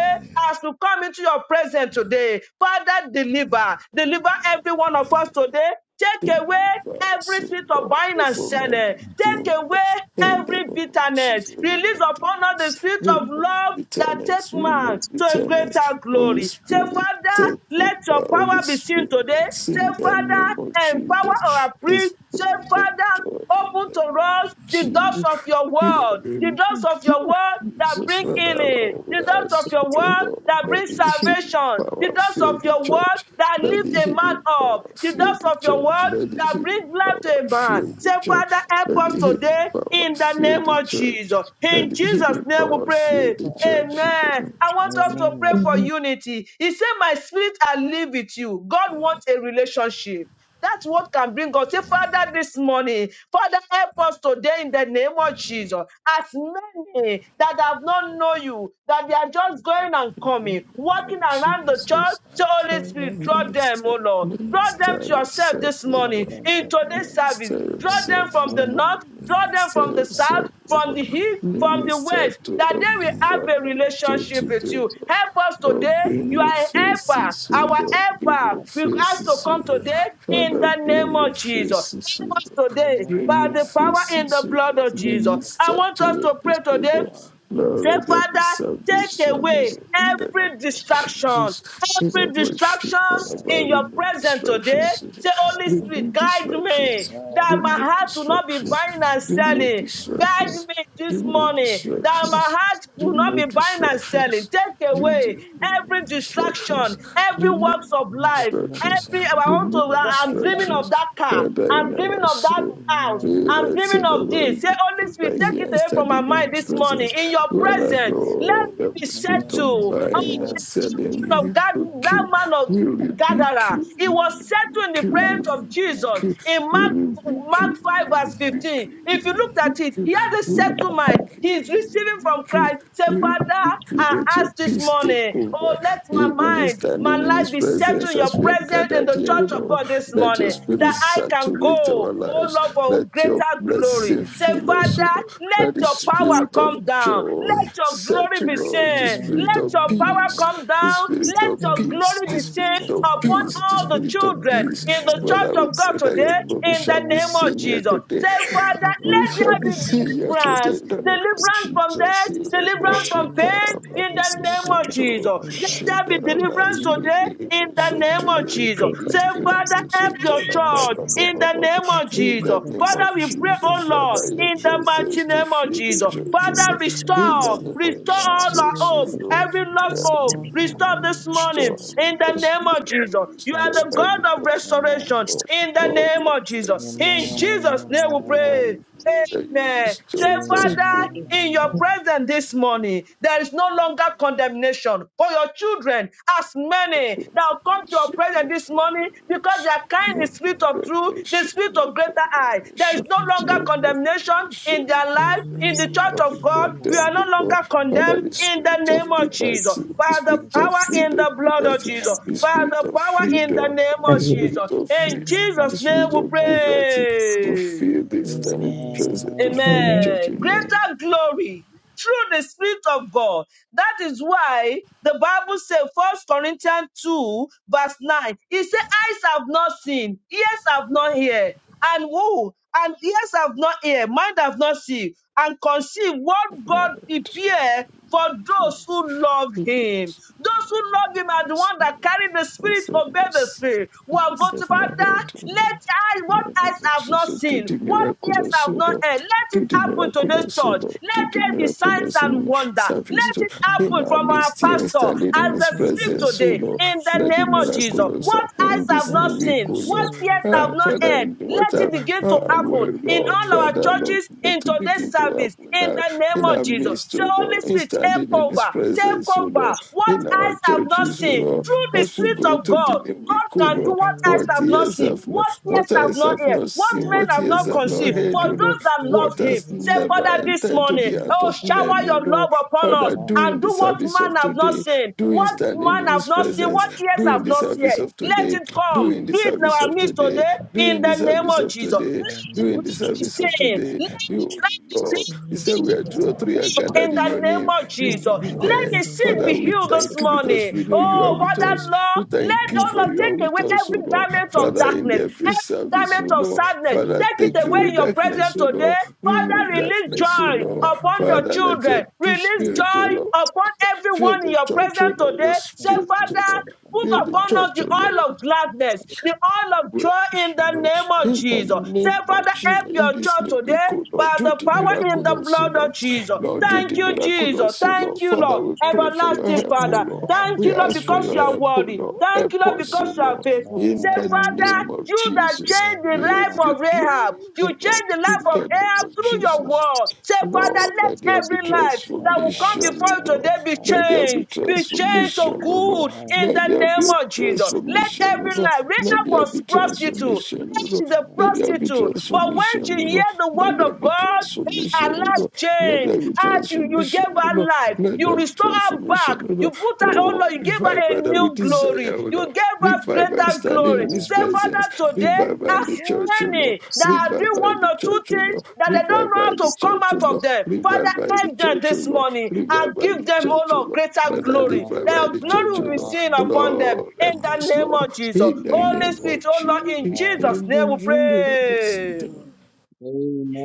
[SPEAKER 1] as we come into your presence today father deliver deliver every one of us today Take away
[SPEAKER 2] Deliver
[SPEAKER 1] every
[SPEAKER 2] us, O
[SPEAKER 1] spirit of buying
[SPEAKER 2] Lord,
[SPEAKER 1] and
[SPEAKER 2] from
[SPEAKER 1] selling. Take
[SPEAKER 2] everything.
[SPEAKER 1] away
[SPEAKER 2] In the name
[SPEAKER 1] every
[SPEAKER 2] of
[SPEAKER 1] bitterness.
[SPEAKER 2] Jesus,
[SPEAKER 1] Release
[SPEAKER 2] remove
[SPEAKER 1] upon us the
[SPEAKER 2] this.
[SPEAKER 1] spirit of
[SPEAKER 2] Remove
[SPEAKER 1] love that take
[SPEAKER 2] bitterness.
[SPEAKER 1] man
[SPEAKER 2] Remove
[SPEAKER 1] to a
[SPEAKER 2] bitterness.
[SPEAKER 1] greater
[SPEAKER 2] Holy
[SPEAKER 1] glory. Say,
[SPEAKER 2] Spirit,
[SPEAKER 1] Father,
[SPEAKER 2] take
[SPEAKER 1] let your
[SPEAKER 2] over. Holy
[SPEAKER 1] power be seen
[SPEAKER 2] Spirit,
[SPEAKER 1] today. Say,
[SPEAKER 2] in the name of
[SPEAKER 1] Father, empower
[SPEAKER 2] Jesus,
[SPEAKER 1] our
[SPEAKER 2] the
[SPEAKER 1] priest. Say,
[SPEAKER 2] Spirit of
[SPEAKER 1] Father,
[SPEAKER 2] joy in
[SPEAKER 1] Open
[SPEAKER 2] the
[SPEAKER 1] to
[SPEAKER 2] name of
[SPEAKER 1] us the doors
[SPEAKER 2] Jesus.
[SPEAKER 1] of your
[SPEAKER 2] You know what
[SPEAKER 1] word,
[SPEAKER 2] I
[SPEAKER 1] the doors
[SPEAKER 2] mean?
[SPEAKER 1] of your word that
[SPEAKER 2] Jesus,
[SPEAKER 1] bring
[SPEAKER 3] Thank you.
[SPEAKER 2] Father,
[SPEAKER 1] healing,
[SPEAKER 2] Lord,
[SPEAKER 1] the
[SPEAKER 2] we
[SPEAKER 1] doors
[SPEAKER 3] Amen.
[SPEAKER 1] of
[SPEAKER 5] Pray
[SPEAKER 2] ask,
[SPEAKER 1] your
[SPEAKER 5] for the ones
[SPEAKER 2] oh
[SPEAKER 1] word
[SPEAKER 2] Lord,
[SPEAKER 1] that bring
[SPEAKER 2] let the healing
[SPEAKER 1] salvation, the
[SPEAKER 2] power
[SPEAKER 1] doors of
[SPEAKER 2] fill the
[SPEAKER 1] your word
[SPEAKER 2] church.
[SPEAKER 1] that
[SPEAKER 2] Let
[SPEAKER 1] lift
[SPEAKER 2] the
[SPEAKER 1] a man
[SPEAKER 2] healing power
[SPEAKER 1] up, the
[SPEAKER 2] fill
[SPEAKER 1] doors
[SPEAKER 2] the
[SPEAKER 1] of your
[SPEAKER 2] church.
[SPEAKER 1] word
[SPEAKER 2] Let the
[SPEAKER 1] that
[SPEAKER 2] healing
[SPEAKER 1] bring life to
[SPEAKER 2] power
[SPEAKER 1] a man.
[SPEAKER 2] fill
[SPEAKER 1] Say,
[SPEAKER 2] the
[SPEAKER 1] Father,
[SPEAKER 2] church.
[SPEAKER 1] help
[SPEAKER 2] Let
[SPEAKER 1] us
[SPEAKER 2] the healing
[SPEAKER 1] today
[SPEAKER 2] power
[SPEAKER 1] in the
[SPEAKER 2] fill
[SPEAKER 1] name
[SPEAKER 2] the
[SPEAKER 1] of
[SPEAKER 2] church.
[SPEAKER 1] Jesus.
[SPEAKER 2] Let
[SPEAKER 1] In
[SPEAKER 2] the
[SPEAKER 1] Jesus'
[SPEAKER 2] healing
[SPEAKER 1] name we
[SPEAKER 2] power fill
[SPEAKER 1] pray.
[SPEAKER 5] who
[SPEAKER 2] the
[SPEAKER 5] are
[SPEAKER 2] church.
[SPEAKER 1] Amen. I want us to pray
[SPEAKER 5] in
[SPEAKER 1] for
[SPEAKER 5] need.
[SPEAKER 1] unity. He said, My spirit, I live with you. God wants a relationship. That's what can bring us. Say, Father, this morning, Father, help us today in the name of Jesus. As many that have not known you, that they are just going and coming, walking
[SPEAKER 2] of
[SPEAKER 1] around the church,
[SPEAKER 2] Jesus.
[SPEAKER 1] say, Holy
[SPEAKER 2] Father,
[SPEAKER 1] Spirit, draw them,
[SPEAKER 2] minister,
[SPEAKER 1] oh Lord. Draw them to
[SPEAKER 2] minister
[SPEAKER 1] yourself
[SPEAKER 2] yourself,
[SPEAKER 1] this
[SPEAKER 2] O
[SPEAKER 1] morning
[SPEAKER 2] Lord.
[SPEAKER 1] in today's service.
[SPEAKER 2] Minister
[SPEAKER 1] Draw them
[SPEAKER 2] yourself,
[SPEAKER 1] from
[SPEAKER 2] O
[SPEAKER 1] the
[SPEAKER 2] Lord.
[SPEAKER 1] north, draw them
[SPEAKER 2] Minister
[SPEAKER 1] from the south,
[SPEAKER 2] yourself, O
[SPEAKER 1] from
[SPEAKER 2] Lord.
[SPEAKER 1] the east, from the
[SPEAKER 2] Minister
[SPEAKER 1] west,
[SPEAKER 2] to
[SPEAKER 1] that they will
[SPEAKER 2] everyone
[SPEAKER 1] have a
[SPEAKER 2] in the church
[SPEAKER 1] relationship with
[SPEAKER 2] today,
[SPEAKER 1] you.
[SPEAKER 2] Lord.
[SPEAKER 1] Help us today.
[SPEAKER 2] Lord, bring
[SPEAKER 1] You are
[SPEAKER 2] new
[SPEAKER 1] a helper.
[SPEAKER 2] faces, O
[SPEAKER 1] Our
[SPEAKER 2] Lord. Bring
[SPEAKER 1] helper
[SPEAKER 2] new
[SPEAKER 1] will ask to
[SPEAKER 2] faces, O
[SPEAKER 1] come
[SPEAKER 2] Lord.
[SPEAKER 1] today in
[SPEAKER 2] Father,
[SPEAKER 1] the name
[SPEAKER 2] bring new
[SPEAKER 1] of Jesus. Help
[SPEAKER 2] faces, O Lord.
[SPEAKER 1] us today
[SPEAKER 2] Bring
[SPEAKER 1] by
[SPEAKER 2] new
[SPEAKER 1] the power in
[SPEAKER 2] faces,
[SPEAKER 1] the
[SPEAKER 2] O
[SPEAKER 1] blood
[SPEAKER 2] Lord.
[SPEAKER 1] of Jesus. I
[SPEAKER 2] Minister
[SPEAKER 1] want
[SPEAKER 2] to
[SPEAKER 1] us
[SPEAKER 2] your
[SPEAKER 1] to pray
[SPEAKER 2] people,
[SPEAKER 1] today.
[SPEAKER 2] Lord. Lord,
[SPEAKER 1] Say,
[SPEAKER 2] let there be
[SPEAKER 1] Father,
[SPEAKER 3] I could
[SPEAKER 1] take
[SPEAKER 2] salvation, O
[SPEAKER 1] away
[SPEAKER 3] use the
[SPEAKER 2] Lord, in the
[SPEAKER 3] the
[SPEAKER 2] name
[SPEAKER 3] love
[SPEAKER 1] every
[SPEAKER 3] from your
[SPEAKER 1] distraction
[SPEAKER 3] heart.
[SPEAKER 2] Jesus, in
[SPEAKER 1] every
[SPEAKER 2] know, my shit,
[SPEAKER 1] distraction
[SPEAKER 2] God, I'm
[SPEAKER 1] in
[SPEAKER 2] out.
[SPEAKER 1] your
[SPEAKER 3] Lord, and
[SPEAKER 2] Remove
[SPEAKER 3] make
[SPEAKER 1] present
[SPEAKER 3] it
[SPEAKER 1] today.
[SPEAKER 3] bless
[SPEAKER 2] distractions.
[SPEAKER 3] me,
[SPEAKER 1] Say,
[SPEAKER 3] Lord,
[SPEAKER 1] Holy Spirit,
[SPEAKER 2] Remove
[SPEAKER 1] guide
[SPEAKER 3] and
[SPEAKER 1] me
[SPEAKER 2] distractions.
[SPEAKER 1] that my
[SPEAKER 3] Lord,
[SPEAKER 2] Remove
[SPEAKER 1] heart will not be
[SPEAKER 2] distractions.
[SPEAKER 1] buying
[SPEAKER 3] and
[SPEAKER 1] and
[SPEAKER 2] Remove
[SPEAKER 1] selling. Guide
[SPEAKER 2] distractions.
[SPEAKER 1] me this
[SPEAKER 2] Remove
[SPEAKER 3] Lord, and
[SPEAKER 1] morning that
[SPEAKER 3] Lord.
[SPEAKER 1] my
[SPEAKER 2] distractions.
[SPEAKER 1] heart will not be
[SPEAKER 2] Remove
[SPEAKER 1] buying and selling.
[SPEAKER 2] distractions.
[SPEAKER 1] Take away every
[SPEAKER 2] Remove
[SPEAKER 3] Thank you, Jesus.
[SPEAKER 1] distraction,
[SPEAKER 2] distractions.
[SPEAKER 1] every
[SPEAKER 2] Remove
[SPEAKER 1] works
[SPEAKER 2] distractions
[SPEAKER 1] of
[SPEAKER 3] And every
[SPEAKER 1] life,
[SPEAKER 3] one of you
[SPEAKER 2] distractions,
[SPEAKER 3] can
[SPEAKER 1] every I
[SPEAKER 3] change the
[SPEAKER 1] want
[SPEAKER 2] remove
[SPEAKER 3] people
[SPEAKER 1] to.
[SPEAKER 3] in my
[SPEAKER 1] I'm
[SPEAKER 3] heart.
[SPEAKER 1] dreaming
[SPEAKER 3] Thank
[SPEAKER 1] of
[SPEAKER 2] distractions,
[SPEAKER 3] you.
[SPEAKER 1] that car.
[SPEAKER 2] Father,
[SPEAKER 1] I'm
[SPEAKER 2] in
[SPEAKER 1] dreaming
[SPEAKER 2] our
[SPEAKER 1] of that
[SPEAKER 2] soul.
[SPEAKER 1] house. I'm
[SPEAKER 3] Amen.
[SPEAKER 1] dreaming
[SPEAKER 2] United
[SPEAKER 1] of
[SPEAKER 2] away
[SPEAKER 1] this. Say, Holy Spirit,
[SPEAKER 2] that he
[SPEAKER 1] take it
[SPEAKER 2] and
[SPEAKER 1] away from my
[SPEAKER 2] standing
[SPEAKER 1] mind
[SPEAKER 2] in
[SPEAKER 3] Thank
[SPEAKER 2] his
[SPEAKER 3] you,
[SPEAKER 1] this
[SPEAKER 3] Jesus.
[SPEAKER 1] morning.
[SPEAKER 2] presence.
[SPEAKER 1] In your
[SPEAKER 3] Thank you,
[SPEAKER 2] When I
[SPEAKER 3] Lord.
[SPEAKER 1] presence, let
[SPEAKER 2] know
[SPEAKER 3] Thank
[SPEAKER 2] that
[SPEAKER 1] me
[SPEAKER 3] you,
[SPEAKER 1] be
[SPEAKER 2] the spirit
[SPEAKER 3] Amen.
[SPEAKER 2] of
[SPEAKER 1] settled
[SPEAKER 2] buying and
[SPEAKER 3] Amen.
[SPEAKER 2] selling we
[SPEAKER 1] of God,
[SPEAKER 2] rebuke
[SPEAKER 1] that
[SPEAKER 2] you,
[SPEAKER 3] Amen.
[SPEAKER 1] man of
[SPEAKER 2] we
[SPEAKER 3] Thank you,
[SPEAKER 2] rebuke
[SPEAKER 1] Gadara,
[SPEAKER 2] you,
[SPEAKER 1] it
[SPEAKER 2] we
[SPEAKER 3] Jesus.
[SPEAKER 1] was settled
[SPEAKER 2] rebuke
[SPEAKER 1] in
[SPEAKER 3] Thank
[SPEAKER 1] the
[SPEAKER 2] you,
[SPEAKER 3] you, Lord.
[SPEAKER 1] presence of
[SPEAKER 2] we
[SPEAKER 1] Jesus
[SPEAKER 2] rebuke
[SPEAKER 3] Amen.
[SPEAKER 2] you,
[SPEAKER 1] in
[SPEAKER 2] we
[SPEAKER 1] Mark.
[SPEAKER 2] rebuke
[SPEAKER 1] Mark
[SPEAKER 2] you,
[SPEAKER 3] Thank you,
[SPEAKER 1] 5
[SPEAKER 2] we
[SPEAKER 1] verse
[SPEAKER 3] Jesus.
[SPEAKER 2] rebuke
[SPEAKER 1] 15.
[SPEAKER 2] you,
[SPEAKER 1] If
[SPEAKER 2] we
[SPEAKER 1] you looked
[SPEAKER 2] rebuke you, we
[SPEAKER 1] at it,
[SPEAKER 2] rebuke you,
[SPEAKER 1] he
[SPEAKER 3] Amen.
[SPEAKER 1] has a
[SPEAKER 2] we
[SPEAKER 3] Amen.
[SPEAKER 1] settlement.
[SPEAKER 2] rebuke you,
[SPEAKER 1] He's receiving from
[SPEAKER 2] you,
[SPEAKER 1] Christ. Say,
[SPEAKER 2] you,
[SPEAKER 1] Father,
[SPEAKER 2] you
[SPEAKER 1] I
[SPEAKER 2] let
[SPEAKER 3] Thank
[SPEAKER 2] your
[SPEAKER 1] ask this
[SPEAKER 2] peace take
[SPEAKER 3] you,
[SPEAKER 1] morning, oh,
[SPEAKER 2] over.
[SPEAKER 1] let my
[SPEAKER 2] Even in
[SPEAKER 1] mind,
[SPEAKER 3] Jesus.
[SPEAKER 1] my
[SPEAKER 2] standing in His
[SPEAKER 1] life
[SPEAKER 3] Amen.
[SPEAKER 1] be settled
[SPEAKER 2] presence
[SPEAKER 1] in your
[SPEAKER 2] as we have
[SPEAKER 1] presence in
[SPEAKER 2] gathered
[SPEAKER 1] the
[SPEAKER 2] here, O
[SPEAKER 1] church of
[SPEAKER 2] Lord,
[SPEAKER 1] God this
[SPEAKER 2] let your
[SPEAKER 1] morning,
[SPEAKER 3] Hallelujah.
[SPEAKER 1] that
[SPEAKER 2] spirit
[SPEAKER 3] Thank
[SPEAKER 1] I
[SPEAKER 3] you,
[SPEAKER 1] can go,
[SPEAKER 3] Jesus.
[SPEAKER 2] saturate our
[SPEAKER 3] Amen.
[SPEAKER 1] oh
[SPEAKER 2] lives.
[SPEAKER 1] Lord, for
[SPEAKER 2] Let
[SPEAKER 1] greater
[SPEAKER 2] your
[SPEAKER 1] glory glory.
[SPEAKER 2] blessing
[SPEAKER 1] Say,
[SPEAKER 3] Amen.
[SPEAKER 2] fill us, O
[SPEAKER 1] Father,
[SPEAKER 2] Lord.
[SPEAKER 1] let
[SPEAKER 2] Let the
[SPEAKER 1] your
[SPEAKER 3] Thank you,
[SPEAKER 1] power
[SPEAKER 2] spirit
[SPEAKER 3] Jesus.
[SPEAKER 2] of
[SPEAKER 1] come down.
[SPEAKER 2] joy
[SPEAKER 1] Let your glory be
[SPEAKER 2] settle us,
[SPEAKER 3] Amen.
[SPEAKER 2] the
[SPEAKER 1] seen.
[SPEAKER 2] spirit
[SPEAKER 1] Let
[SPEAKER 2] of
[SPEAKER 1] your power
[SPEAKER 2] peace,
[SPEAKER 3] Amen.
[SPEAKER 1] come
[SPEAKER 2] the
[SPEAKER 1] down.
[SPEAKER 3] Thank
[SPEAKER 2] spirit
[SPEAKER 3] you,
[SPEAKER 1] Let
[SPEAKER 2] of
[SPEAKER 1] your
[SPEAKER 3] Jesus.
[SPEAKER 2] peace,
[SPEAKER 1] glory
[SPEAKER 2] the
[SPEAKER 1] be seen
[SPEAKER 2] spirit
[SPEAKER 3] Let
[SPEAKER 2] of
[SPEAKER 3] us
[SPEAKER 1] upon
[SPEAKER 3] go
[SPEAKER 2] peace,
[SPEAKER 3] with
[SPEAKER 2] the
[SPEAKER 1] all
[SPEAKER 3] you.
[SPEAKER 1] the
[SPEAKER 2] spirit of
[SPEAKER 1] children in
[SPEAKER 2] peace.
[SPEAKER 3] Amen.
[SPEAKER 1] the
[SPEAKER 2] Well, I
[SPEAKER 1] church
[SPEAKER 2] we
[SPEAKER 1] of God
[SPEAKER 2] pray that your
[SPEAKER 1] today
[SPEAKER 2] glory
[SPEAKER 1] in
[SPEAKER 2] shall
[SPEAKER 1] the
[SPEAKER 2] be
[SPEAKER 3] Amen.
[SPEAKER 1] name of
[SPEAKER 2] seen here
[SPEAKER 1] Jesus.
[SPEAKER 2] today.
[SPEAKER 3] Thank you,
[SPEAKER 1] Say, Father,
[SPEAKER 3] Jesus.
[SPEAKER 2] We
[SPEAKER 1] let
[SPEAKER 2] shall be
[SPEAKER 1] there be
[SPEAKER 4] Lord
[SPEAKER 3] Amen.
[SPEAKER 4] God,
[SPEAKER 2] serious
[SPEAKER 4] I will
[SPEAKER 2] today,
[SPEAKER 1] deliverance.
[SPEAKER 2] Danny of
[SPEAKER 1] Deliverance from death,
[SPEAKER 2] Jesus, it is my
[SPEAKER 1] deliverance
[SPEAKER 4] In the
[SPEAKER 1] from
[SPEAKER 2] shit,
[SPEAKER 3] Thank
[SPEAKER 2] God,
[SPEAKER 3] you,
[SPEAKER 4] name of
[SPEAKER 1] pain
[SPEAKER 3] Jesus.
[SPEAKER 2] I'm out
[SPEAKER 1] in
[SPEAKER 2] of
[SPEAKER 3] We
[SPEAKER 1] the
[SPEAKER 4] Jesus,
[SPEAKER 2] my
[SPEAKER 4] Lord
[SPEAKER 1] name
[SPEAKER 4] God,
[SPEAKER 2] son,
[SPEAKER 1] of
[SPEAKER 3] deliver us,
[SPEAKER 2] turn
[SPEAKER 3] O
[SPEAKER 2] on
[SPEAKER 1] Jesus.
[SPEAKER 2] my
[SPEAKER 4] in
[SPEAKER 1] Let
[SPEAKER 4] the
[SPEAKER 3] Lord.
[SPEAKER 2] shit,
[SPEAKER 4] name
[SPEAKER 1] there be
[SPEAKER 2] that
[SPEAKER 4] of
[SPEAKER 2] I'm out
[SPEAKER 1] deliverance
[SPEAKER 2] of
[SPEAKER 3] Thank
[SPEAKER 1] deliverance
[SPEAKER 2] here,
[SPEAKER 4] Jesus,
[SPEAKER 3] you,
[SPEAKER 4] Lord
[SPEAKER 1] today
[SPEAKER 2] nigga, it
[SPEAKER 3] Jesus.
[SPEAKER 1] in the
[SPEAKER 2] son,
[SPEAKER 4] Father,
[SPEAKER 1] name
[SPEAKER 2] turn
[SPEAKER 4] in
[SPEAKER 1] of
[SPEAKER 2] it,
[SPEAKER 4] the
[SPEAKER 2] it
[SPEAKER 1] Jesus.
[SPEAKER 5] Pray
[SPEAKER 2] was
[SPEAKER 4] name
[SPEAKER 5] for
[SPEAKER 1] Say,
[SPEAKER 4] of
[SPEAKER 2] you,
[SPEAKER 3] Thank
[SPEAKER 2] get
[SPEAKER 4] Jesus,
[SPEAKER 3] you,
[SPEAKER 2] it,
[SPEAKER 4] Lord
[SPEAKER 1] Father,
[SPEAKER 5] deliverance to
[SPEAKER 4] God,
[SPEAKER 5] be
[SPEAKER 4] we
[SPEAKER 1] help
[SPEAKER 5] like
[SPEAKER 2] son,
[SPEAKER 4] pray
[SPEAKER 1] your
[SPEAKER 2] turn
[SPEAKER 4] to
[SPEAKER 3] Jesus.
[SPEAKER 4] you,
[SPEAKER 2] it,
[SPEAKER 3] Amen.
[SPEAKER 2] blah,
[SPEAKER 1] church
[SPEAKER 2] blah,
[SPEAKER 4] Lord,
[SPEAKER 5] Christians.
[SPEAKER 2] blah,
[SPEAKER 1] in
[SPEAKER 2] blah,
[SPEAKER 1] the
[SPEAKER 3] Amen.
[SPEAKER 2] blah.
[SPEAKER 5] If
[SPEAKER 1] name
[SPEAKER 4] not
[SPEAKER 1] of
[SPEAKER 4] to
[SPEAKER 2] In
[SPEAKER 5] one
[SPEAKER 1] Jesus.
[SPEAKER 4] help
[SPEAKER 2] the
[SPEAKER 5] of
[SPEAKER 4] the
[SPEAKER 2] name
[SPEAKER 5] us
[SPEAKER 1] Father,
[SPEAKER 5] has
[SPEAKER 2] of
[SPEAKER 1] we
[SPEAKER 4] children,
[SPEAKER 1] pray,
[SPEAKER 4] not to
[SPEAKER 1] oh
[SPEAKER 2] Jesus,
[SPEAKER 4] the name
[SPEAKER 1] Lord,
[SPEAKER 3] Thank
[SPEAKER 2] Father,
[SPEAKER 3] you,
[SPEAKER 2] your
[SPEAKER 4] of
[SPEAKER 1] in the
[SPEAKER 3] Jesus.
[SPEAKER 4] Jesus,
[SPEAKER 1] mighty
[SPEAKER 2] presence to
[SPEAKER 4] Lord,
[SPEAKER 1] name of
[SPEAKER 2] fill the
[SPEAKER 1] Jesus.
[SPEAKER 5] some of
[SPEAKER 3] Thank
[SPEAKER 4] in
[SPEAKER 5] the
[SPEAKER 4] the
[SPEAKER 2] church,
[SPEAKER 3] you,
[SPEAKER 2] O
[SPEAKER 5] ones who
[SPEAKER 1] Father,
[SPEAKER 2] Lord.
[SPEAKER 4] mighty name
[SPEAKER 5] are
[SPEAKER 3] Jesus.
[SPEAKER 5] in
[SPEAKER 4] of
[SPEAKER 2] In the
[SPEAKER 1] restore,
[SPEAKER 4] Jesus,
[SPEAKER 2] name of
[SPEAKER 5] need. Pray
[SPEAKER 1] restore
[SPEAKER 5] for the
[SPEAKER 1] all
[SPEAKER 3] Hallelujah.
[SPEAKER 1] our
[SPEAKER 4] ever
[SPEAKER 2] Jesus, O
[SPEAKER 1] hope,
[SPEAKER 2] Lord,
[SPEAKER 4] restore,
[SPEAKER 1] every lost
[SPEAKER 2] we are, O
[SPEAKER 4] restore,
[SPEAKER 3] Thank
[SPEAKER 1] hope.
[SPEAKER 4] all who
[SPEAKER 1] Restore
[SPEAKER 4] go
[SPEAKER 2] Lord,
[SPEAKER 3] you,
[SPEAKER 1] this
[SPEAKER 4] away,
[SPEAKER 1] morning
[SPEAKER 2] restore
[SPEAKER 1] in the
[SPEAKER 2] every lost
[SPEAKER 1] name
[SPEAKER 2] glory,
[SPEAKER 1] of Jesus. You are
[SPEAKER 2] restore
[SPEAKER 1] the
[SPEAKER 2] every
[SPEAKER 1] God of
[SPEAKER 3] Jesus.
[SPEAKER 2] lost glory,
[SPEAKER 3] Amen.
[SPEAKER 1] restoration
[SPEAKER 2] Lord.
[SPEAKER 1] in the
[SPEAKER 2] Lord,
[SPEAKER 1] name
[SPEAKER 2] your
[SPEAKER 1] of Jesus.
[SPEAKER 3] Amen.
[SPEAKER 1] In
[SPEAKER 2] presence, O Lord.
[SPEAKER 1] Jesus' name we
[SPEAKER 2] Pray that we
[SPEAKER 3] Amen.
[SPEAKER 1] pray.
[SPEAKER 2] pray that you
[SPEAKER 1] Amen. Say,
[SPEAKER 2] restore
[SPEAKER 3] There
[SPEAKER 2] those
[SPEAKER 1] Father,
[SPEAKER 2] glory,
[SPEAKER 1] in your
[SPEAKER 5] ones
[SPEAKER 1] presence this morning, there is no longer condemnation for your children, as many that have come to your presence this morning because they are carrying
[SPEAKER 2] no
[SPEAKER 1] the spirit of truth, the
[SPEAKER 2] condemnation,
[SPEAKER 1] spirit
[SPEAKER 2] no
[SPEAKER 1] of greater I. There is
[SPEAKER 2] condemnation,
[SPEAKER 1] no
[SPEAKER 4] in the
[SPEAKER 1] longer
[SPEAKER 2] no
[SPEAKER 4] name
[SPEAKER 1] condemnation in
[SPEAKER 2] condemnation.
[SPEAKER 1] their
[SPEAKER 4] of
[SPEAKER 1] life, in the
[SPEAKER 2] Will
[SPEAKER 1] church
[SPEAKER 2] not
[SPEAKER 4] Amen, in
[SPEAKER 3] is
[SPEAKER 1] of
[SPEAKER 2] be
[SPEAKER 4] the
[SPEAKER 3] no
[SPEAKER 1] God.
[SPEAKER 4] name
[SPEAKER 3] number
[SPEAKER 4] of
[SPEAKER 3] of
[SPEAKER 1] We are
[SPEAKER 3] me
[SPEAKER 2] condemned,
[SPEAKER 1] no
[SPEAKER 2] O
[SPEAKER 4] Jesus,
[SPEAKER 1] longer
[SPEAKER 2] Lord.
[SPEAKER 3] to
[SPEAKER 2] Father,
[SPEAKER 3] say,
[SPEAKER 1] condemned
[SPEAKER 2] the
[SPEAKER 3] Lord
[SPEAKER 1] in the
[SPEAKER 2] spirit of
[SPEAKER 1] name of
[SPEAKER 3] Jesus.
[SPEAKER 1] Jesus,
[SPEAKER 2] liberty, the
[SPEAKER 1] by the
[SPEAKER 3] Thank
[SPEAKER 2] spirit
[SPEAKER 3] you,
[SPEAKER 2] of
[SPEAKER 1] power in
[SPEAKER 2] freedom,
[SPEAKER 1] the
[SPEAKER 3] Jesus.
[SPEAKER 1] blood of
[SPEAKER 2] liberty,
[SPEAKER 1] Jesus,
[SPEAKER 3] Amen.
[SPEAKER 2] the
[SPEAKER 1] by
[SPEAKER 2] spirit
[SPEAKER 1] the
[SPEAKER 2] of
[SPEAKER 1] power in the
[SPEAKER 2] freedom,
[SPEAKER 1] name
[SPEAKER 3] Amen.
[SPEAKER 5] who are
[SPEAKER 2] the
[SPEAKER 1] of
[SPEAKER 5] in need.
[SPEAKER 1] Jesus.
[SPEAKER 2] spirit of
[SPEAKER 1] In
[SPEAKER 2] freedom,
[SPEAKER 4] Amen,
[SPEAKER 1] Jesus'
[SPEAKER 2] the
[SPEAKER 3] Thank you,
[SPEAKER 1] name
[SPEAKER 2] spirit
[SPEAKER 1] we
[SPEAKER 2] of
[SPEAKER 3] Jesus.
[SPEAKER 2] liberty, to
[SPEAKER 1] pray.
[SPEAKER 2] feel this
[SPEAKER 3] Amen.
[SPEAKER 2] time in
[SPEAKER 4] Amen,
[SPEAKER 2] present, to feel the
[SPEAKER 3] Amen.
[SPEAKER 5] Amen.
[SPEAKER 2] church
[SPEAKER 1] Amen.
[SPEAKER 2] in me.
[SPEAKER 1] Greater glory through the Spirit of God. That is why the Bible says, First Corinthians 2, verse 9, it says, Eyes have not seen, ears have not heard, and who? And ears have not heard, mind have not seen, and conceive what God
[SPEAKER 2] Lord,
[SPEAKER 1] prepared for those
[SPEAKER 2] Jesus.
[SPEAKER 1] who love Him. Those who love Him are the ones that carry the Spirit,
[SPEAKER 2] Receive
[SPEAKER 1] obey the
[SPEAKER 2] mercy.
[SPEAKER 1] Spirit. We are going to
[SPEAKER 2] Receive my heart,
[SPEAKER 4] in the name
[SPEAKER 1] Father.
[SPEAKER 4] of
[SPEAKER 2] O
[SPEAKER 1] Let
[SPEAKER 2] Lord.
[SPEAKER 4] Jesus,
[SPEAKER 1] eyes, what
[SPEAKER 2] Lord, Lord,
[SPEAKER 1] eyes
[SPEAKER 2] Lord
[SPEAKER 1] have not
[SPEAKER 2] Jesus, do
[SPEAKER 1] seen,
[SPEAKER 2] the
[SPEAKER 1] what ears
[SPEAKER 2] miraculous,
[SPEAKER 1] have
[SPEAKER 2] O
[SPEAKER 1] not
[SPEAKER 2] Lord.
[SPEAKER 1] heard, let it
[SPEAKER 2] Do the
[SPEAKER 1] happen to this
[SPEAKER 2] miraculous, O
[SPEAKER 1] church.
[SPEAKER 2] Lord.
[SPEAKER 1] Let
[SPEAKER 2] Do the
[SPEAKER 1] there be signs
[SPEAKER 2] miraculous
[SPEAKER 1] and
[SPEAKER 2] in
[SPEAKER 1] wonder.
[SPEAKER 2] service
[SPEAKER 1] Let
[SPEAKER 2] to
[SPEAKER 1] it
[SPEAKER 2] in
[SPEAKER 1] happen
[SPEAKER 4] in
[SPEAKER 2] our
[SPEAKER 1] from our
[SPEAKER 2] midst here,
[SPEAKER 1] pastor
[SPEAKER 2] standing in
[SPEAKER 1] as
[SPEAKER 2] His
[SPEAKER 1] they
[SPEAKER 4] the
[SPEAKER 1] speak
[SPEAKER 2] presence, O
[SPEAKER 1] today
[SPEAKER 2] Lord.
[SPEAKER 4] name of
[SPEAKER 1] in the
[SPEAKER 2] Let the
[SPEAKER 1] name of
[SPEAKER 4] Jesus, Lord
[SPEAKER 1] Jesus.
[SPEAKER 2] miraculous
[SPEAKER 4] God.
[SPEAKER 1] What
[SPEAKER 2] happen
[SPEAKER 1] eyes
[SPEAKER 2] in
[SPEAKER 1] have
[SPEAKER 2] this
[SPEAKER 1] not
[SPEAKER 2] new
[SPEAKER 4] Guys, I
[SPEAKER 2] week,
[SPEAKER 1] seen,
[SPEAKER 2] O
[SPEAKER 4] must say
[SPEAKER 1] what
[SPEAKER 2] Lord.
[SPEAKER 4] the
[SPEAKER 1] ears
[SPEAKER 2] Ah,
[SPEAKER 1] have
[SPEAKER 4] good
[SPEAKER 1] not
[SPEAKER 2] Father,
[SPEAKER 1] heard,
[SPEAKER 2] in the
[SPEAKER 1] let
[SPEAKER 2] water,
[SPEAKER 1] it begin
[SPEAKER 2] ah,
[SPEAKER 1] to happen
[SPEAKER 4] God
[SPEAKER 2] Lord,
[SPEAKER 1] in
[SPEAKER 2] Lord,
[SPEAKER 1] all our
[SPEAKER 2] Father, Lord,
[SPEAKER 1] churches in
[SPEAKER 2] let it
[SPEAKER 1] today's
[SPEAKER 2] begin to
[SPEAKER 1] service
[SPEAKER 2] happen
[SPEAKER 1] in
[SPEAKER 2] now
[SPEAKER 1] the name
[SPEAKER 2] in
[SPEAKER 1] of
[SPEAKER 2] our
[SPEAKER 1] Jesus.
[SPEAKER 2] midst,
[SPEAKER 1] So,
[SPEAKER 2] O
[SPEAKER 1] Holy
[SPEAKER 2] Lord. In
[SPEAKER 1] Spirit,
[SPEAKER 2] standing
[SPEAKER 1] take
[SPEAKER 2] in his
[SPEAKER 1] over, take
[SPEAKER 2] presence, O
[SPEAKER 1] over.
[SPEAKER 2] Lord,
[SPEAKER 1] What
[SPEAKER 2] in our
[SPEAKER 1] eyes have not
[SPEAKER 4] in
[SPEAKER 2] churches, O
[SPEAKER 4] the
[SPEAKER 1] seen,
[SPEAKER 2] Lord,
[SPEAKER 1] through
[SPEAKER 4] name
[SPEAKER 1] the
[SPEAKER 2] as we
[SPEAKER 1] Spirit
[SPEAKER 2] go
[SPEAKER 1] of
[SPEAKER 2] into
[SPEAKER 4] In the name
[SPEAKER 2] the
[SPEAKER 1] God,
[SPEAKER 2] new
[SPEAKER 4] of
[SPEAKER 2] week,
[SPEAKER 1] God
[SPEAKER 2] O
[SPEAKER 4] Jesus,
[SPEAKER 1] can do
[SPEAKER 2] Lord,
[SPEAKER 4] Father,
[SPEAKER 1] what
[SPEAKER 4] in
[SPEAKER 1] eyes
[SPEAKER 2] what
[SPEAKER 1] have
[SPEAKER 4] the name of
[SPEAKER 1] not
[SPEAKER 2] ears
[SPEAKER 1] seen,
[SPEAKER 4] Jesus,
[SPEAKER 2] have not,
[SPEAKER 1] what ears
[SPEAKER 2] what
[SPEAKER 1] have
[SPEAKER 2] eyes
[SPEAKER 1] not
[SPEAKER 2] have
[SPEAKER 1] heard,
[SPEAKER 2] not
[SPEAKER 1] what
[SPEAKER 2] seen,
[SPEAKER 4] That
[SPEAKER 1] men
[SPEAKER 2] what
[SPEAKER 4] the
[SPEAKER 1] have
[SPEAKER 2] ears
[SPEAKER 1] not
[SPEAKER 2] have
[SPEAKER 4] people
[SPEAKER 2] not
[SPEAKER 1] conceived.
[SPEAKER 4] that
[SPEAKER 1] For
[SPEAKER 4] I
[SPEAKER 2] heard, O
[SPEAKER 1] those
[SPEAKER 2] Lord,
[SPEAKER 4] must
[SPEAKER 1] that
[SPEAKER 4] say
[SPEAKER 1] love
[SPEAKER 2] what
[SPEAKER 4] the
[SPEAKER 1] Him,
[SPEAKER 2] has
[SPEAKER 4] good.
[SPEAKER 1] say,
[SPEAKER 2] never
[SPEAKER 1] Father, this
[SPEAKER 2] entered into
[SPEAKER 1] morning,
[SPEAKER 2] the heart
[SPEAKER 1] oh,
[SPEAKER 2] of
[SPEAKER 1] shower
[SPEAKER 2] men, O
[SPEAKER 1] your love
[SPEAKER 2] Lord.
[SPEAKER 1] upon us
[SPEAKER 2] Father,
[SPEAKER 1] and
[SPEAKER 2] during the
[SPEAKER 1] do what
[SPEAKER 2] service
[SPEAKER 1] man
[SPEAKER 2] of
[SPEAKER 3] Amen.
[SPEAKER 1] have not
[SPEAKER 2] today,
[SPEAKER 1] seen,
[SPEAKER 3] Thank
[SPEAKER 2] doing
[SPEAKER 1] what
[SPEAKER 3] you,
[SPEAKER 2] standing
[SPEAKER 1] man
[SPEAKER 2] in
[SPEAKER 1] have
[SPEAKER 2] His
[SPEAKER 3] Jesus.
[SPEAKER 1] not
[SPEAKER 3] Hallelujah.
[SPEAKER 1] seen,
[SPEAKER 2] presence,
[SPEAKER 1] what ears have
[SPEAKER 2] doing the
[SPEAKER 1] not
[SPEAKER 2] service
[SPEAKER 1] heard.
[SPEAKER 2] of
[SPEAKER 1] Let
[SPEAKER 2] today,
[SPEAKER 1] it
[SPEAKER 3] Thank you,
[SPEAKER 1] come.
[SPEAKER 2] doing the
[SPEAKER 1] Do it in
[SPEAKER 2] service
[SPEAKER 1] our
[SPEAKER 2] of
[SPEAKER 1] midst
[SPEAKER 2] today,
[SPEAKER 3] Jesus.
[SPEAKER 1] today in
[SPEAKER 2] doing the
[SPEAKER 1] the name
[SPEAKER 2] service
[SPEAKER 1] of
[SPEAKER 2] of
[SPEAKER 1] Jesus.
[SPEAKER 2] today,
[SPEAKER 1] Let the
[SPEAKER 2] doing
[SPEAKER 1] blood
[SPEAKER 2] the
[SPEAKER 3] Amen.
[SPEAKER 1] be
[SPEAKER 2] service of
[SPEAKER 1] seen.
[SPEAKER 2] today.
[SPEAKER 3] Amen.
[SPEAKER 1] Let the
[SPEAKER 2] You
[SPEAKER 1] blood be
[SPEAKER 2] Lord.
[SPEAKER 4] In
[SPEAKER 2] He said, We
[SPEAKER 1] seen
[SPEAKER 2] are two or three are
[SPEAKER 3] Thank you,
[SPEAKER 2] gathered
[SPEAKER 1] in
[SPEAKER 2] in
[SPEAKER 1] the
[SPEAKER 2] your
[SPEAKER 1] name
[SPEAKER 3] Jesus.
[SPEAKER 2] name.
[SPEAKER 1] of
[SPEAKER 4] the
[SPEAKER 2] You
[SPEAKER 4] in
[SPEAKER 1] Jesus.
[SPEAKER 2] will
[SPEAKER 4] the
[SPEAKER 2] be
[SPEAKER 3] Hallelujah.
[SPEAKER 4] name of
[SPEAKER 1] Let
[SPEAKER 5] In
[SPEAKER 2] there.
[SPEAKER 5] the
[SPEAKER 1] the
[SPEAKER 4] Jesus,
[SPEAKER 5] name
[SPEAKER 1] sick
[SPEAKER 3] Thank
[SPEAKER 2] Father,
[SPEAKER 1] be
[SPEAKER 5] of
[SPEAKER 2] we
[SPEAKER 1] healed
[SPEAKER 3] you,
[SPEAKER 1] this
[SPEAKER 2] thank you
[SPEAKER 5] Jesus,
[SPEAKER 3] Jesus.
[SPEAKER 2] because
[SPEAKER 1] morning.
[SPEAKER 4] In the
[SPEAKER 2] we know you
[SPEAKER 1] Oh,
[SPEAKER 2] are
[SPEAKER 4] name
[SPEAKER 2] with
[SPEAKER 4] of
[SPEAKER 1] Father
[SPEAKER 2] us.
[SPEAKER 1] Lord,
[SPEAKER 2] We
[SPEAKER 1] let
[SPEAKER 2] thank you
[SPEAKER 1] all
[SPEAKER 3] Amen.
[SPEAKER 2] for
[SPEAKER 1] Lord
[SPEAKER 2] you
[SPEAKER 3] Amen.
[SPEAKER 2] are
[SPEAKER 1] take
[SPEAKER 2] with
[SPEAKER 1] away
[SPEAKER 2] us, O
[SPEAKER 1] every
[SPEAKER 2] Lord.
[SPEAKER 1] garment of
[SPEAKER 2] Father, in
[SPEAKER 1] darkness,
[SPEAKER 2] every
[SPEAKER 1] every
[SPEAKER 2] service, O
[SPEAKER 3] Thank
[SPEAKER 1] garment
[SPEAKER 3] you,
[SPEAKER 1] of
[SPEAKER 2] Lord.
[SPEAKER 1] sadness.
[SPEAKER 2] Father,
[SPEAKER 1] Take it
[SPEAKER 2] take
[SPEAKER 1] away
[SPEAKER 2] away
[SPEAKER 1] in your
[SPEAKER 4] in the
[SPEAKER 2] darkness,
[SPEAKER 1] presence
[SPEAKER 2] O
[SPEAKER 4] name of Jesus,
[SPEAKER 2] Lord.
[SPEAKER 1] today. Father,
[SPEAKER 2] Remove
[SPEAKER 3] Jesus.
[SPEAKER 4] as
[SPEAKER 1] release
[SPEAKER 4] we
[SPEAKER 3] Thank
[SPEAKER 2] darkness, O
[SPEAKER 1] joy
[SPEAKER 4] see
[SPEAKER 3] you,
[SPEAKER 4] the
[SPEAKER 2] Lord.
[SPEAKER 3] Lord.
[SPEAKER 1] upon
[SPEAKER 4] good,
[SPEAKER 1] your
[SPEAKER 2] Father, let
[SPEAKER 1] children.
[SPEAKER 2] your
[SPEAKER 1] Release
[SPEAKER 2] spirit, O
[SPEAKER 1] joy
[SPEAKER 2] Lord,
[SPEAKER 1] upon
[SPEAKER 2] fill
[SPEAKER 1] everyone in
[SPEAKER 2] the
[SPEAKER 1] your
[SPEAKER 2] church, O
[SPEAKER 1] presence
[SPEAKER 2] Lord. Your
[SPEAKER 1] today. Say,
[SPEAKER 2] spirit, O
[SPEAKER 1] Father.
[SPEAKER 2] Lord.
[SPEAKER 1] Put
[SPEAKER 2] Fill the
[SPEAKER 1] upon us
[SPEAKER 2] church, O
[SPEAKER 1] the
[SPEAKER 2] Lord.
[SPEAKER 1] oil of gladness,
[SPEAKER 5] I have
[SPEAKER 1] the oil of joy in the name of
[SPEAKER 2] In the
[SPEAKER 1] Jesus. Say,
[SPEAKER 2] name
[SPEAKER 1] Father,
[SPEAKER 2] of
[SPEAKER 1] help
[SPEAKER 2] Jesus, in
[SPEAKER 1] your
[SPEAKER 2] this
[SPEAKER 1] church
[SPEAKER 2] new week,
[SPEAKER 1] today
[SPEAKER 2] O Lord,
[SPEAKER 1] by
[SPEAKER 2] do
[SPEAKER 1] the
[SPEAKER 2] the
[SPEAKER 4] as
[SPEAKER 1] power
[SPEAKER 4] we
[SPEAKER 1] in the
[SPEAKER 4] see
[SPEAKER 2] miraculous, O
[SPEAKER 1] blood
[SPEAKER 2] Lord.
[SPEAKER 1] of Jesus.
[SPEAKER 2] Lord, do
[SPEAKER 1] Thank
[SPEAKER 2] the
[SPEAKER 1] you, Jesus.
[SPEAKER 2] miraculous, O
[SPEAKER 1] Thank
[SPEAKER 2] Lord.
[SPEAKER 1] you,
[SPEAKER 3] Amen.
[SPEAKER 2] Father,
[SPEAKER 1] Lord.
[SPEAKER 2] we pray for your
[SPEAKER 1] Everlasting
[SPEAKER 2] help, O
[SPEAKER 1] Father.
[SPEAKER 4] Father,
[SPEAKER 2] Lord.
[SPEAKER 4] God in
[SPEAKER 3] Amen.
[SPEAKER 1] Thank
[SPEAKER 2] We
[SPEAKER 4] the
[SPEAKER 1] you,
[SPEAKER 4] name
[SPEAKER 1] Lord,
[SPEAKER 2] ask for
[SPEAKER 4] of
[SPEAKER 1] because
[SPEAKER 2] your
[SPEAKER 1] you are
[SPEAKER 2] help,
[SPEAKER 4] Jesus.
[SPEAKER 2] O
[SPEAKER 1] worthy.
[SPEAKER 2] Lord.
[SPEAKER 1] Thank you, Lord,
[SPEAKER 2] Help us,
[SPEAKER 1] because
[SPEAKER 2] O
[SPEAKER 1] you are
[SPEAKER 2] Lord.
[SPEAKER 1] faithful. Say,
[SPEAKER 2] In the
[SPEAKER 3] Amen.
[SPEAKER 1] Father,
[SPEAKER 2] name of
[SPEAKER 1] you that
[SPEAKER 2] Jesus,
[SPEAKER 5] services
[SPEAKER 1] changed the
[SPEAKER 2] in
[SPEAKER 1] life
[SPEAKER 2] the
[SPEAKER 1] of
[SPEAKER 2] glory
[SPEAKER 5] for
[SPEAKER 1] Rahab,
[SPEAKER 2] of
[SPEAKER 1] you
[SPEAKER 2] the Lord,
[SPEAKER 1] changed the
[SPEAKER 5] Jesus,
[SPEAKER 2] in
[SPEAKER 1] life
[SPEAKER 2] the
[SPEAKER 1] of
[SPEAKER 2] name
[SPEAKER 1] help
[SPEAKER 2] of
[SPEAKER 1] through your
[SPEAKER 2] Jesus.
[SPEAKER 1] word. Say, Father,
[SPEAKER 2] Lord,
[SPEAKER 1] let
[SPEAKER 2] let there be
[SPEAKER 1] every life that will come before
[SPEAKER 2] transformation,
[SPEAKER 1] you
[SPEAKER 2] O Lord.
[SPEAKER 1] today be
[SPEAKER 2] Let there be
[SPEAKER 1] changed, be changed
[SPEAKER 2] transformation,
[SPEAKER 1] to
[SPEAKER 2] O Lord.
[SPEAKER 1] good in the
[SPEAKER 2] Let there
[SPEAKER 1] name
[SPEAKER 2] be a
[SPEAKER 1] of Jesus. Let
[SPEAKER 2] transformation, O
[SPEAKER 1] every
[SPEAKER 2] Lord.
[SPEAKER 1] life,
[SPEAKER 2] Let
[SPEAKER 1] Rahab
[SPEAKER 2] there
[SPEAKER 3] Amen.
[SPEAKER 1] was
[SPEAKER 2] be
[SPEAKER 1] prostitute,
[SPEAKER 2] transformation, O Lord.
[SPEAKER 1] she's
[SPEAKER 3] Thank
[SPEAKER 1] a
[SPEAKER 2] Let there
[SPEAKER 3] you.
[SPEAKER 2] be
[SPEAKER 1] prostitute, but when
[SPEAKER 2] transformation,
[SPEAKER 1] she
[SPEAKER 2] O Lord.
[SPEAKER 1] heard the
[SPEAKER 2] Let
[SPEAKER 1] word
[SPEAKER 2] there
[SPEAKER 1] of
[SPEAKER 2] be
[SPEAKER 1] God, her
[SPEAKER 2] transformation, O
[SPEAKER 1] life
[SPEAKER 2] Lord. Let there
[SPEAKER 1] changed.
[SPEAKER 2] be
[SPEAKER 1] As you, you
[SPEAKER 2] transformation,
[SPEAKER 1] gave
[SPEAKER 2] O
[SPEAKER 1] her
[SPEAKER 2] Lord.
[SPEAKER 1] life,
[SPEAKER 2] Let
[SPEAKER 1] you
[SPEAKER 2] there be
[SPEAKER 1] restore her back,
[SPEAKER 2] transformation, O
[SPEAKER 1] you
[SPEAKER 2] Lord.
[SPEAKER 1] put her, oh
[SPEAKER 2] Oh,
[SPEAKER 1] Lord, glory. Give
[SPEAKER 2] revive,
[SPEAKER 1] her a
[SPEAKER 2] Father, we
[SPEAKER 1] new
[SPEAKER 2] desire,
[SPEAKER 1] glory.
[SPEAKER 2] O
[SPEAKER 1] You
[SPEAKER 2] Lord.
[SPEAKER 1] gave her
[SPEAKER 2] Revive and
[SPEAKER 1] greater
[SPEAKER 2] standing
[SPEAKER 1] glory.
[SPEAKER 2] in his
[SPEAKER 1] Say,
[SPEAKER 3] Amen.
[SPEAKER 2] presence.
[SPEAKER 1] Father, today,
[SPEAKER 2] Revive and the
[SPEAKER 1] as
[SPEAKER 2] church, you know.
[SPEAKER 1] many that are
[SPEAKER 2] Revive
[SPEAKER 1] doing
[SPEAKER 2] and the
[SPEAKER 1] one or two
[SPEAKER 2] church, you
[SPEAKER 1] things
[SPEAKER 2] know.
[SPEAKER 1] that they don't
[SPEAKER 2] Revive
[SPEAKER 1] know how
[SPEAKER 5] such
[SPEAKER 2] and the
[SPEAKER 1] to
[SPEAKER 5] as
[SPEAKER 1] come
[SPEAKER 2] church, you
[SPEAKER 1] out of
[SPEAKER 2] know.
[SPEAKER 1] them, Father,
[SPEAKER 2] Revive and the
[SPEAKER 1] help them
[SPEAKER 2] church, you
[SPEAKER 1] this
[SPEAKER 2] know.
[SPEAKER 1] morning
[SPEAKER 2] Revive
[SPEAKER 1] and
[SPEAKER 2] and
[SPEAKER 1] give
[SPEAKER 2] the
[SPEAKER 1] them
[SPEAKER 2] church, you
[SPEAKER 1] all of
[SPEAKER 2] know.
[SPEAKER 1] greater
[SPEAKER 2] Father,
[SPEAKER 1] glory.
[SPEAKER 2] revive
[SPEAKER 3] Amen.
[SPEAKER 1] Their
[SPEAKER 2] and the
[SPEAKER 3] Very
[SPEAKER 1] glory
[SPEAKER 2] church, you
[SPEAKER 1] will be
[SPEAKER 2] know.
[SPEAKER 1] seen
[SPEAKER 3] awesome.
[SPEAKER 1] upon them
[SPEAKER 2] Lord, help
[SPEAKER 1] in the
[SPEAKER 2] us,
[SPEAKER 1] name
[SPEAKER 2] Lord.
[SPEAKER 1] of Jesus.
[SPEAKER 2] In the
[SPEAKER 3] Thank you, Lord. Thank you, Lord.
[SPEAKER 1] Holy
[SPEAKER 3] Thank
[SPEAKER 2] name
[SPEAKER 1] Spirit,
[SPEAKER 2] of
[SPEAKER 1] oh
[SPEAKER 2] Jesus.
[SPEAKER 1] Lord, in
[SPEAKER 3] you,
[SPEAKER 2] In the
[SPEAKER 1] Jesus'
[SPEAKER 2] name
[SPEAKER 1] name
[SPEAKER 2] of
[SPEAKER 1] we
[SPEAKER 2] Jesus, help us in
[SPEAKER 1] pray.
[SPEAKER 2] the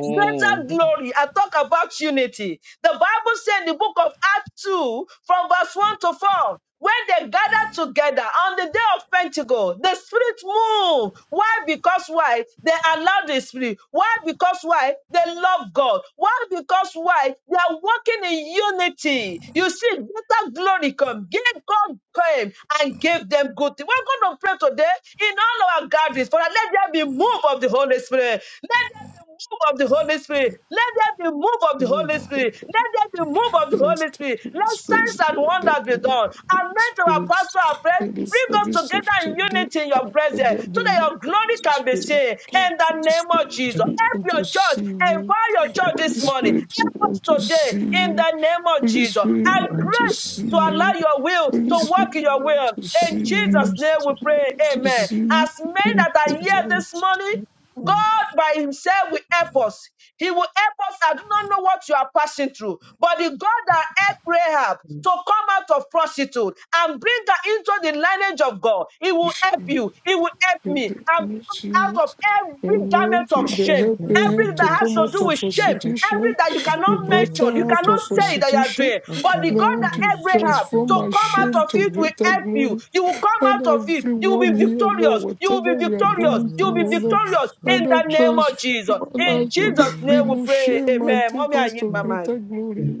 [SPEAKER 1] Greater glory. I talk about unity. The Bible said in the book of Acts 2, from verse 1 to 4, when they gathered together on the day of Pentecost, the Spirit moved. Why? Because why? They allowed the Spirit. Why? Because why? They love God. Why? Because why? They are working in unity. You see, greater glory come. Give God came and gave them good things. We're going to pray today in all our gatherings, for let there be move of the Holy Spirit. Let there there be move of the Holy Spirit. Let there be move of the
[SPEAKER 2] name of
[SPEAKER 1] Holy Spirit. Let there be move of
[SPEAKER 2] in
[SPEAKER 1] the Holy
[SPEAKER 2] his
[SPEAKER 1] Spirit. Let
[SPEAKER 2] presence.
[SPEAKER 1] signs and
[SPEAKER 2] Let there
[SPEAKER 1] wonders be
[SPEAKER 2] be no
[SPEAKER 1] done.
[SPEAKER 2] Holy
[SPEAKER 1] Anoint our
[SPEAKER 2] Spirit.
[SPEAKER 1] pastor, our prayer.
[SPEAKER 2] In the
[SPEAKER 1] Bring us
[SPEAKER 2] service
[SPEAKER 1] together
[SPEAKER 2] of
[SPEAKER 1] in
[SPEAKER 2] today,
[SPEAKER 1] unity in your
[SPEAKER 2] let
[SPEAKER 1] presence
[SPEAKER 2] there
[SPEAKER 1] so
[SPEAKER 2] be
[SPEAKER 1] that
[SPEAKER 2] no
[SPEAKER 1] your
[SPEAKER 2] Holy
[SPEAKER 1] glory can be
[SPEAKER 2] Spirit.
[SPEAKER 1] seen in the
[SPEAKER 2] Holy
[SPEAKER 1] name
[SPEAKER 5] just
[SPEAKER 1] of
[SPEAKER 2] Spirit,
[SPEAKER 1] Jesus.
[SPEAKER 5] for the
[SPEAKER 2] we
[SPEAKER 1] Help
[SPEAKER 2] want
[SPEAKER 1] your
[SPEAKER 2] to
[SPEAKER 1] church,
[SPEAKER 2] see you.
[SPEAKER 1] empower your
[SPEAKER 5] pure
[SPEAKER 1] church
[SPEAKER 2] Holy
[SPEAKER 1] this morning.
[SPEAKER 5] person,
[SPEAKER 2] Spirit, we
[SPEAKER 1] Help us
[SPEAKER 2] want to
[SPEAKER 5] and
[SPEAKER 1] today
[SPEAKER 2] see
[SPEAKER 1] in
[SPEAKER 2] you.
[SPEAKER 1] the name of
[SPEAKER 2] Holy
[SPEAKER 1] Jesus.
[SPEAKER 2] Spirit, we
[SPEAKER 5] the
[SPEAKER 1] And
[SPEAKER 2] want
[SPEAKER 5] Lord,
[SPEAKER 2] to
[SPEAKER 1] grace
[SPEAKER 2] see
[SPEAKER 1] to
[SPEAKER 5] there's
[SPEAKER 1] allow
[SPEAKER 2] you.
[SPEAKER 5] the
[SPEAKER 1] your will
[SPEAKER 2] Holy
[SPEAKER 1] to
[SPEAKER 5] church,
[SPEAKER 2] Spirit,
[SPEAKER 1] work in your
[SPEAKER 2] we want
[SPEAKER 1] will.
[SPEAKER 2] to
[SPEAKER 5] church,
[SPEAKER 2] see
[SPEAKER 1] In
[SPEAKER 5] and
[SPEAKER 1] Jesus'
[SPEAKER 2] you.
[SPEAKER 5] there's the
[SPEAKER 1] name we
[SPEAKER 5] church,
[SPEAKER 1] pray.
[SPEAKER 2] To
[SPEAKER 1] Amen. As men
[SPEAKER 5] and there's the church, and there's the
[SPEAKER 1] that are here this
[SPEAKER 2] see
[SPEAKER 1] morning,
[SPEAKER 5] church, and
[SPEAKER 1] God by Himself will help us. He will help us. I do not know what you are passing through, but the God that helped Rahab
[SPEAKER 5] there's the
[SPEAKER 1] to come out of prostitute and bring her into the lineage of God, He will
[SPEAKER 2] you.
[SPEAKER 1] help you. He will help me and bring us out of
[SPEAKER 2] Jesus.
[SPEAKER 1] every garment
[SPEAKER 2] Lord, you
[SPEAKER 1] of
[SPEAKER 2] the
[SPEAKER 1] shame,
[SPEAKER 2] help
[SPEAKER 4] In
[SPEAKER 2] they
[SPEAKER 4] the
[SPEAKER 2] help
[SPEAKER 1] Everything
[SPEAKER 4] name
[SPEAKER 2] to
[SPEAKER 1] that
[SPEAKER 4] of
[SPEAKER 1] has
[SPEAKER 2] come
[SPEAKER 1] to
[SPEAKER 2] out
[SPEAKER 1] do
[SPEAKER 2] of
[SPEAKER 1] with
[SPEAKER 4] Jesus,
[SPEAKER 1] shame,
[SPEAKER 4] help
[SPEAKER 2] prostitution.
[SPEAKER 1] everything that you
[SPEAKER 4] In the
[SPEAKER 1] cannot
[SPEAKER 2] You
[SPEAKER 4] name
[SPEAKER 2] brought
[SPEAKER 4] of
[SPEAKER 1] mention, you
[SPEAKER 2] her out
[SPEAKER 1] cannot
[SPEAKER 2] of
[SPEAKER 4] Jesus,
[SPEAKER 1] say that you are
[SPEAKER 2] prostitution.
[SPEAKER 1] doing.
[SPEAKER 4] I thank you,
[SPEAKER 1] But the
[SPEAKER 4] Lord,
[SPEAKER 1] God
[SPEAKER 4] for the
[SPEAKER 2] Lord, you
[SPEAKER 1] that
[SPEAKER 4] revelation
[SPEAKER 1] Abraham
[SPEAKER 2] transform
[SPEAKER 1] to
[SPEAKER 2] my
[SPEAKER 1] come
[SPEAKER 2] shame
[SPEAKER 1] out of
[SPEAKER 2] to
[SPEAKER 1] it will
[SPEAKER 2] greater
[SPEAKER 1] help you.
[SPEAKER 2] glory.
[SPEAKER 1] You will come
[SPEAKER 2] And
[SPEAKER 1] out of it. You will be
[SPEAKER 2] everyone here, Lord,
[SPEAKER 1] victorious. You will be
[SPEAKER 2] whatever we are
[SPEAKER 4] in the
[SPEAKER 1] victorious.
[SPEAKER 2] going
[SPEAKER 1] You will
[SPEAKER 2] through,
[SPEAKER 4] name
[SPEAKER 1] be
[SPEAKER 4] of
[SPEAKER 2] oh Lord,
[SPEAKER 4] Jesus.
[SPEAKER 1] victorious in
[SPEAKER 4] Lord,
[SPEAKER 2] Father,
[SPEAKER 4] for
[SPEAKER 1] the name of Jesus.
[SPEAKER 2] transform
[SPEAKER 4] the
[SPEAKER 1] In
[SPEAKER 2] us to
[SPEAKER 1] Jesus' name we
[SPEAKER 2] remove
[SPEAKER 4] revelation.
[SPEAKER 1] pray.
[SPEAKER 2] shame and
[SPEAKER 1] Amen.
[SPEAKER 2] take
[SPEAKER 1] Mommy, I
[SPEAKER 2] us
[SPEAKER 1] need
[SPEAKER 2] to
[SPEAKER 1] my mic.
[SPEAKER 2] greater
[SPEAKER 5] church.
[SPEAKER 2] glory.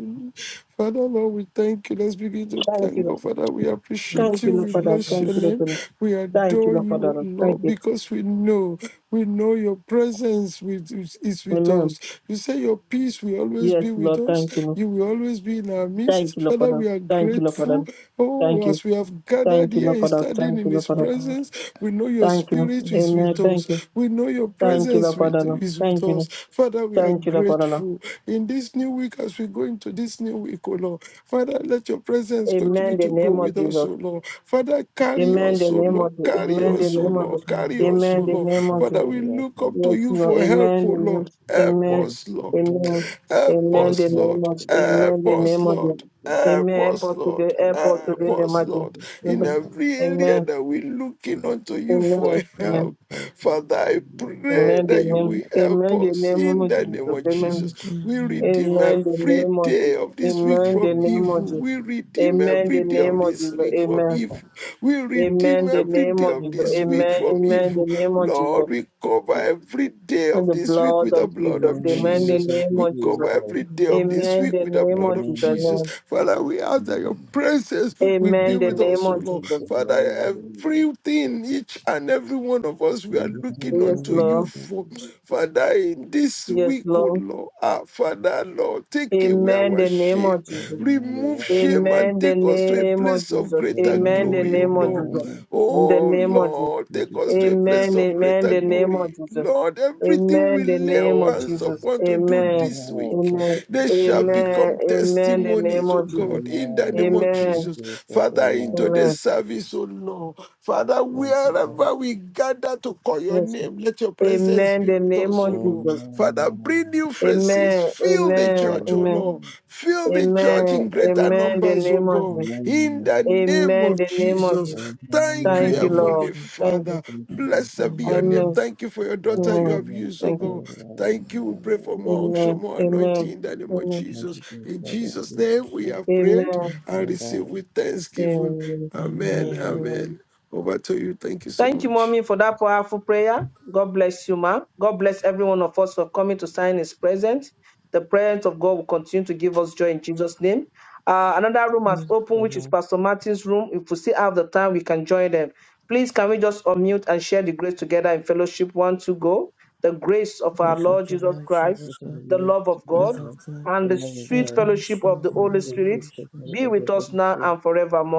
[SPEAKER 2] Father Lord, we thank you. Let's begin to
[SPEAKER 1] Thank you.
[SPEAKER 2] thank God. Father, we
[SPEAKER 4] Thank
[SPEAKER 2] appreciate
[SPEAKER 1] Thank you,
[SPEAKER 4] you,
[SPEAKER 2] you.
[SPEAKER 1] Lord,
[SPEAKER 2] We
[SPEAKER 1] for that.
[SPEAKER 2] bless
[SPEAKER 4] Jesus.
[SPEAKER 2] your
[SPEAKER 1] Thank you, Lord,
[SPEAKER 2] name.
[SPEAKER 1] for that.
[SPEAKER 2] We
[SPEAKER 1] Thank you,
[SPEAKER 2] adore
[SPEAKER 1] Lord, for
[SPEAKER 2] you, O
[SPEAKER 1] that. Thank
[SPEAKER 2] Lord,
[SPEAKER 1] you.
[SPEAKER 2] because we know, we know your presence with, is is with
[SPEAKER 1] Amen.
[SPEAKER 2] us. You say your peace will always
[SPEAKER 1] Yes,
[SPEAKER 2] be with
[SPEAKER 1] Lord.
[SPEAKER 2] us.
[SPEAKER 1] Thank you.
[SPEAKER 2] You will always be in our
[SPEAKER 1] Thank
[SPEAKER 2] midst.
[SPEAKER 1] you, Lord, for
[SPEAKER 2] Father,
[SPEAKER 1] that.
[SPEAKER 2] we are
[SPEAKER 1] Thank you, Lord, for
[SPEAKER 2] grateful.
[SPEAKER 1] that.
[SPEAKER 2] Oh,
[SPEAKER 1] Thank you.
[SPEAKER 2] as we have gathered
[SPEAKER 1] Thank you,
[SPEAKER 2] here
[SPEAKER 1] Lord,
[SPEAKER 2] and
[SPEAKER 1] for that.
[SPEAKER 2] standing
[SPEAKER 1] Thank you,
[SPEAKER 2] in
[SPEAKER 1] Lord,
[SPEAKER 2] his
[SPEAKER 1] for
[SPEAKER 4] Thank you,
[SPEAKER 1] that.
[SPEAKER 4] Lord.
[SPEAKER 2] presence, we know your
[SPEAKER 1] Thank you.
[SPEAKER 2] spirit is
[SPEAKER 1] Amen.
[SPEAKER 2] with
[SPEAKER 4] Amen.
[SPEAKER 1] Thank
[SPEAKER 2] us.
[SPEAKER 1] you.
[SPEAKER 2] We know your
[SPEAKER 1] Thank you,
[SPEAKER 2] presence
[SPEAKER 1] Lord
[SPEAKER 2] with,
[SPEAKER 1] Father. Lord.
[SPEAKER 2] is with
[SPEAKER 1] Thank you.
[SPEAKER 2] us.
[SPEAKER 1] Lord.
[SPEAKER 2] Father, we are
[SPEAKER 1] Thank you, Lord Father. Lord.
[SPEAKER 2] grateful in this new week as we go into this new week, O Lord. Father, let your presence continue
[SPEAKER 1] Amen. The
[SPEAKER 2] to go
[SPEAKER 1] name of
[SPEAKER 2] with us, O
[SPEAKER 1] Jesus.
[SPEAKER 2] Lord. Father, carry
[SPEAKER 1] Amen.
[SPEAKER 2] us,
[SPEAKER 1] The
[SPEAKER 2] O
[SPEAKER 1] name
[SPEAKER 2] Lord.
[SPEAKER 1] of Jesus.
[SPEAKER 2] Carry
[SPEAKER 1] Amen. The
[SPEAKER 2] us, O
[SPEAKER 4] Father,
[SPEAKER 1] name of
[SPEAKER 2] Lord.
[SPEAKER 1] Jesus.
[SPEAKER 4] in the name
[SPEAKER 2] Carry
[SPEAKER 4] of
[SPEAKER 2] us, O
[SPEAKER 1] Amen. The
[SPEAKER 2] Lord.
[SPEAKER 4] Jesus.
[SPEAKER 1] name of
[SPEAKER 2] Father,
[SPEAKER 1] Jesus.
[SPEAKER 2] we look up to
[SPEAKER 1] Yes,
[SPEAKER 2] you
[SPEAKER 1] Lord.
[SPEAKER 2] for help,
[SPEAKER 1] Amen.
[SPEAKER 2] O
[SPEAKER 1] The name.
[SPEAKER 2] Lord. Help
[SPEAKER 1] Amen.
[SPEAKER 2] us, Lord.
[SPEAKER 3] Lord.
[SPEAKER 1] Amen.
[SPEAKER 2] Help
[SPEAKER 1] Amen. The
[SPEAKER 2] us,
[SPEAKER 1] name
[SPEAKER 2] Lord.
[SPEAKER 1] of Amen.
[SPEAKER 2] Help
[SPEAKER 1] The
[SPEAKER 2] us,
[SPEAKER 1] name of Jesus.
[SPEAKER 2] Lord. Help
[SPEAKER 1] Amen. Help
[SPEAKER 2] us,
[SPEAKER 1] us
[SPEAKER 2] Lord.
[SPEAKER 1] today. Help
[SPEAKER 3] Thank
[SPEAKER 1] us
[SPEAKER 3] you,
[SPEAKER 1] today
[SPEAKER 2] Help
[SPEAKER 1] in the
[SPEAKER 2] us,
[SPEAKER 1] mighty.
[SPEAKER 2] Lord, in
[SPEAKER 1] Amen.
[SPEAKER 2] every area
[SPEAKER 1] Amen.
[SPEAKER 2] that we're looking unto you for
[SPEAKER 1] Amen. Amen.
[SPEAKER 2] help. Father,
[SPEAKER 3] Lord.
[SPEAKER 2] I pray
[SPEAKER 1] Amen. The
[SPEAKER 2] that you will
[SPEAKER 1] name.
[SPEAKER 2] help
[SPEAKER 1] Amen. The
[SPEAKER 2] us
[SPEAKER 1] name
[SPEAKER 2] in
[SPEAKER 1] of
[SPEAKER 2] the name
[SPEAKER 1] Jesus.
[SPEAKER 2] of
[SPEAKER 4] In
[SPEAKER 1] Amen.
[SPEAKER 2] Jesus.
[SPEAKER 4] the
[SPEAKER 2] We
[SPEAKER 4] name of
[SPEAKER 2] redeem
[SPEAKER 4] Jesus.
[SPEAKER 1] Amen. The
[SPEAKER 2] every
[SPEAKER 1] name of
[SPEAKER 2] day
[SPEAKER 1] Jesus.
[SPEAKER 2] of this week
[SPEAKER 1] Amen. The
[SPEAKER 2] from
[SPEAKER 1] name of
[SPEAKER 2] evil.
[SPEAKER 1] Jesus.
[SPEAKER 2] We redeem
[SPEAKER 1] Amen.
[SPEAKER 2] every
[SPEAKER 1] The
[SPEAKER 2] day
[SPEAKER 1] name
[SPEAKER 2] of
[SPEAKER 1] of
[SPEAKER 2] this
[SPEAKER 1] Jesus.
[SPEAKER 2] week from
[SPEAKER 1] Amen.
[SPEAKER 2] evil. We redeem
[SPEAKER 1] Amen. The
[SPEAKER 2] every
[SPEAKER 1] name
[SPEAKER 2] day
[SPEAKER 1] of
[SPEAKER 3] Amen.
[SPEAKER 2] of
[SPEAKER 1] Jesus.
[SPEAKER 2] this
[SPEAKER 3] Amen.
[SPEAKER 2] week
[SPEAKER 1] Amen.
[SPEAKER 2] from
[SPEAKER 1] Amen. The
[SPEAKER 2] evil.
[SPEAKER 1] name of Jesus.
[SPEAKER 2] Lord, recover every day of
[SPEAKER 1] in
[SPEAKER 2] of
[SPEAKER 1] the
[SPEAKER 2] this week
[SPEAKER 1] blood
[SPEAKER 2] with
[SPEAKER 1] of
[SPEAKER 2] the
[SPEAKER 1] Jesus.
[SPEAKER 2] blood of
[SPEAKER 1] Amen. The
[SPEAKER 3] Amen.
[SPEAKER 2] Jesus.
[SPEAKER 3] Thank
[SPEAKER 1] name
[SPEAKER 3] you,
[SPEAKER 2] We
[SPEAKER 1] of Jesus.
[SPEAKER 2] cover
[SPEAKER 3] Jesus.
[SPEAKER 2] every day of
[SPEAKER 4] Amen.
[SPEAKER 2] this
[SPEAKER 1] Amen.
[SPEAKER 2] week
[SPEAKER 1] The
[SPEAKER 2] with the
[SPEAKER 1] name
[SPEAKER 2] blood
[SPEAKER 1] of
[SPEAKER 2] of
[SPEAKER 1] Jesus.
[SPEAKER 3] Amen.
[SPEAKER 2] Jesus.
[SPEAKER 1] Amen.
[SPEAKER 2] Father, we ask that your
[SPEAKER 3] Amen.
[SPEAKER 2] presence will be
[SPEAKER 1] Amen. The-
[SPEAKER 2] with
[SPEAKER 3] Thank you,
[SPEAKER 2] us, O Lord.
[SPEAKER 3] Jesus. Amen.
[SPEAKER 2] Father,
[SPEAKER 3] Amen.
[SPEAKER 2] everything, each and every one of us, we
[SPEAKER 3] Amen. Amen.
[SPEAKER 2] are
[SPEAKER 3] Thank you, Jesus.
[SPEAKER 2] looking
[SPEAKER 1] Yes,
[SPEAKER 2] unto you
[SPEAKER 1] Lord.
[SPEAKER 2] for. Father, in this
[SPEAKER 1] Yes,
[SPEAKER 2] week, O
[SPEAKER 1] Lord.
[SPEAKER 2] Lord, ah, Father, Lord, take away
[SPEAKER 1] Amen.
[SPEAKER 2] our
[SPEAKER 1] The name
[SPEAKER 2] shame.
[SPEAKER 1] of Jesus.
[SPEAKER 2] Remove shame
[SPEAKER 3] Amen.
[SPEAKER 2] and
[SPEAKER 1] Amen. The
[SPEAKER 2] take us to a
[SPEAKER 1] name
[SPEAKER 2] place
[SPEAKER 1] of
[SPEAKER 2] place of
[SPEAKER 1] Jesus.
[SPEAKER 2] greater
[SPEAKER 1] Amen. The
[SPEAKER 3] Amen.
[SPEAKER 2] glory, O
[SPEAKER 3] Thank
[SPEAKER 1] name of
[SPEAKER 2] Lord.
[SPEAKER 1] Jesus. In the
[SPEAKER 2] Oh
[SPEAKER 1] name of Jesus.
[SPEAKER 2] Lord, take
[SPEAKER 3] you,
[SPEAKER 2] us to
[SPEAKER 3] Jesus.
[SPEAKER 2] a place
[SPEAKER 1] Amen.
[SPEAKER 2] of
[SPEAKER 1] Amen.
[SPEAKER 2] greater
[SPEAKER 1] The
[SPEAKER 3] Amen.
[SPEAKER 1] name of
[SPEAKER 2] glory.
[SPEAKER 1] Jesus.
[SPEAKER 2] Lord, everything we
[SPEAKER 1] Amen. The
[SPEAKER 2] lay
[SPEAKER 1] name
[SPEAKER 2] our
[SPEAKER 1] of
[SPEAKER 2] hands
[SPEAKER 1] Jesus.
[SPEAKER 2] upon to do
[SPEAKER 1] Amen.
[SPEAKER 2] this week,
[SPEAKER 3] Thank you,
[SPEAKER 1] Amen.
[SPEAKER 2] they shall
[SPEAKER 1] Amen.
[SPEAKER 2] become
[SPEAKER 1] Amen. The name
[SPEAKER 2] testimonies, oh
[SPEAKER 1] of Jesus.
[SPEAKER 2] God, in the name of
[SPEAKER 1] Amen.
[SPEAKER 2] Jesus.
[SPEAKER 3] Jesus.
[SPEAKER 2] Father, in
[SPEAKER 3] Amen.
[SPEAKER 2] today's
[SPEAKER 1] Amen.
[SPEAKER 2] service, oh Lord, Father,
[SPEAKER 3] Thank you, God.
[SPEAKER 2] wherever we gather to call your
[SPEAKER 1] Yes.
[SPEAKER 2] name, let your presence
[SPEAKER 1] Amen.
[SPEAKER 2] be
[SPEAKER 1] The
[SPEAKER 2] with
[SPEAKER 1] name
[SPEAKER 2] us, oh
[SPEAKER 1] of
[SPEAKER 2] Lord. Lord.
[SPEAKER 1] Jesus.
[SPEAKER 3] Amen.
[SPEAKER 2] Father, bring
[SPEAKER 3] Amen.
[SPEAKER 2] new faces.
[SPEAKER 1] Amen.
[SPEAKER 2] Fill the
[SPEAKER 1] Amen.
[SPEAKER 2] church, oh
[SPEAKER 1] Amen.
[SPEAKER 2] Lord. Fill the church
[SPEAKER 1] Amen.
[SPEAKER 2] in greater
[SPEAKER 1] Amen. The
[SPEAKER 2] numbers, oh
[SPEAKER 1] name of
[SPEAKER 2] God.
[SPEAKER 1] Jesus.
[SPEAKER 2] In the name
[SPEAKER 1] Amen.
[SPEAKER 2] of
[SPEAKER 1] The name of
[SPEAKER 2] Jesus.
[SPEAKER 1] Jesus.
[SPEAKER 3] Amen.
[SPEAKER 2] Thank
[SPEAKER 4] In the
[SPEAKER 2] you,
[SPEAKER 1] Thank you,
[SPEAKER 4] name
[SPEAKER 3] Amen.
[SPEAKER 4] of
[SPEAKER 2] Heavenly
[SPEAKER 1] Lord.
[SPEAKER 4] Jesus.
[SPEAKER 2] Father.
[SPEAKER 3] Thank you, Jesus.
[SPEAKER 2] Blessed be your name.
[SPEAKER 4] Amen.
[SPEAKER 1] Amen.
[SPEAKER 2] Thank you for your
[SPEAKER 3] Thank
[SPEAKER 2] daughter
[SPEAKER 3] you,
[SPEAKER 2] you
[SPEAKER 1] Amen.
[SPEAKER 2] have used, oh
[SPEAKER 1] Thank you.
[SPEAKER 2] God. Thank you. We pray for more unction,
[SPEAKER 1] Amen.
[SPEAKER 2] more anointing
[SPEAKER 1] Amen.
[SPEAKER 2] in the name of
[SPEAKER 1] Amen.
[SPEAKER 2] Jesus.
[SPEAKER 3] Jesus,
[SPEAKER 2] In
[SPEAKER 3] for
[SPEAKER 2] Jesus'
[SPEAKER 3] Jesus'
[SPEAKER 2] name, we
[SPEAKER 3] name.
[SPEAKER 2] have prayed
[SPEAKER 1] Amen.
[SPEAKER 4] Amen.
[SPEAKER 2] and received with thanksgiving.
[SPEAKER 1] Amen.
[SPEAKER 2] Amen.
[SPEAKER 4] Amen.
[SPEAKER 1] Amen.
[SPEAKER 2] Amen. Over to you. Thank you so
[SPEAKER 1] Thank you,
[SPEAKER 2] much.
[SPEAKER 1] mommy, for that powerful prayer. God bless you, ma. God bless every one of us for coming to sign his presence. The presence of God will continue to give us joy in Jesus' name. Uh, another room
[SPEAKER 4] In
[SPEAKER 1] has
[SPEAKER 4] the
[SPEAKER 1] opened, which is
[SPEAKER 3] Amen.
[SPEAKER 1] Pastor Martin's room. If we still have the time, we can join them. Please, can we just unmute and share the grace together in fellowship? One, two, go. The grace of our
[SPEAKER 4] Grace of
[SPEAKER 1] Lord
[SPEAKER 4] the
[SPEAKER 1] Jesus
[SPEAKER 4] Lord
[SPEAKER 1] Christ,
[SPEAKER 4] Jesus
[SPEAKER 3] this is
[SPEAKER 4] Christ,
[SPEAKER 3] the
[SPEAKER 1] the
[SPEAKER 3] Lord
[SPEAKER 1] love of
[SPEAKER 3] Jesus
[SPEAKER 4] love
[SPEAKER 1] God,
[SPEAKER 4] of
[SPEAKER 3] Christ,
[SPEAKER 4] God,
[SPEAKER 3] the
[SPEAKER 1] and the
[SPEAKER 3] love of
[SPEAKER 4] and
[SPEAKER 1] sweet
[SPEAKER 3] God,
[SPEAKER 1] fellowship
[SPEAKER 4] fellowship
[SPEAKER 1] of the
[SPEAKER 4] of the
[SPEAKER 3] and the
[SPEAKER 1] Holy Spirit
[SPEAKER 3] perfect
[SPEAKER 4] Holy Spirit.
[SPEAKER 3] testimony
[SPEAKER 1] be
[SPEAKER 3] of
[SPEAKER 1] with
[SPEAKER 3] the
[SPEAKER 1] us
[SPEAKER 3] Holy
[SPEAKER 1] now
[SPEAKER 3] Spirit,
[SPEAKER 1] and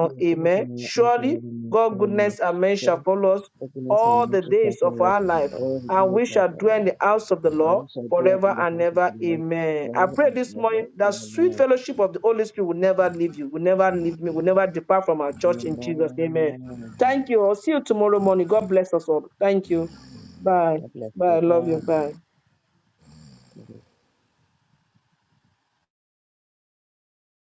[SPEAKER 3] be with us
[SPEAKER 1] Amen.
[SPEAKER 3] now and
[SPEAKER 1] Surely
[SPEAKER 3] forevermore.
[SPEAKER 1] God,
[SPEAKER 3] Amen.
[SPEAKER 1] goodness, and mercy shall
[SPEAKER 3] Surely,
[SPEAKER 1] follow us
[SPEAKER 3] Goodness
[SPEAKER 1] all
[SPEAKER 3] and
[SPEAKER 1] the
[SPEAKER 3] mercy shall
[SPEAKER 1] days of
[SPEAKER 3] follow us
[SPEAKER 1] our life,
[SPEAKER 3] all the
[SPEAKER 1] and
[SPEAKER 3] days
[SPEAKER 1] we
[SPEAKER 3] of
[SPEAKER 1] shall
[SPEAKER 3] our
[SPEAKER 1] dwell in
[SPEAKER 3] life,
[SPEAKER 1] the house of the
[SPEAKER 3] and
[SPEAKER 1] Lord
[SPEAKER 3] we shall dwell
[SPEAKER 1] forever
[SPEAKER 3] in the
[SPEAKER 1] and
[SPEAKER 3] house of
[SPEAKER 1] ever.
[SPEAKER 3] the Lord
[SPEAKER 1] Amen. I
[SPEAKER 3] forever
[SPEAKER 1] pray
[SPEAKER 3] and
[SPEAKER 1] this
[SPEAKER 3] ever.
[SPEAKER 1] morning that sweet
[SPEAKER 3] Amen.
[SPEAKER 1] fellowship of the Holy Spirit will never leave you, will never leave me, will never depart from our church in Jesus. Amen.
[SPEAKER 3] Amen.
[SPEAKER 1] Thank you. i see you tomorrow morning. God bless us all. Thank you. Bye.
[SPEAKER 3] God bless
[SPEAKER 1] Bye. I
[SPEAKER 3] you.
[SPEAKER 1] love you. Bye.
[SPEAKER 3] Bye.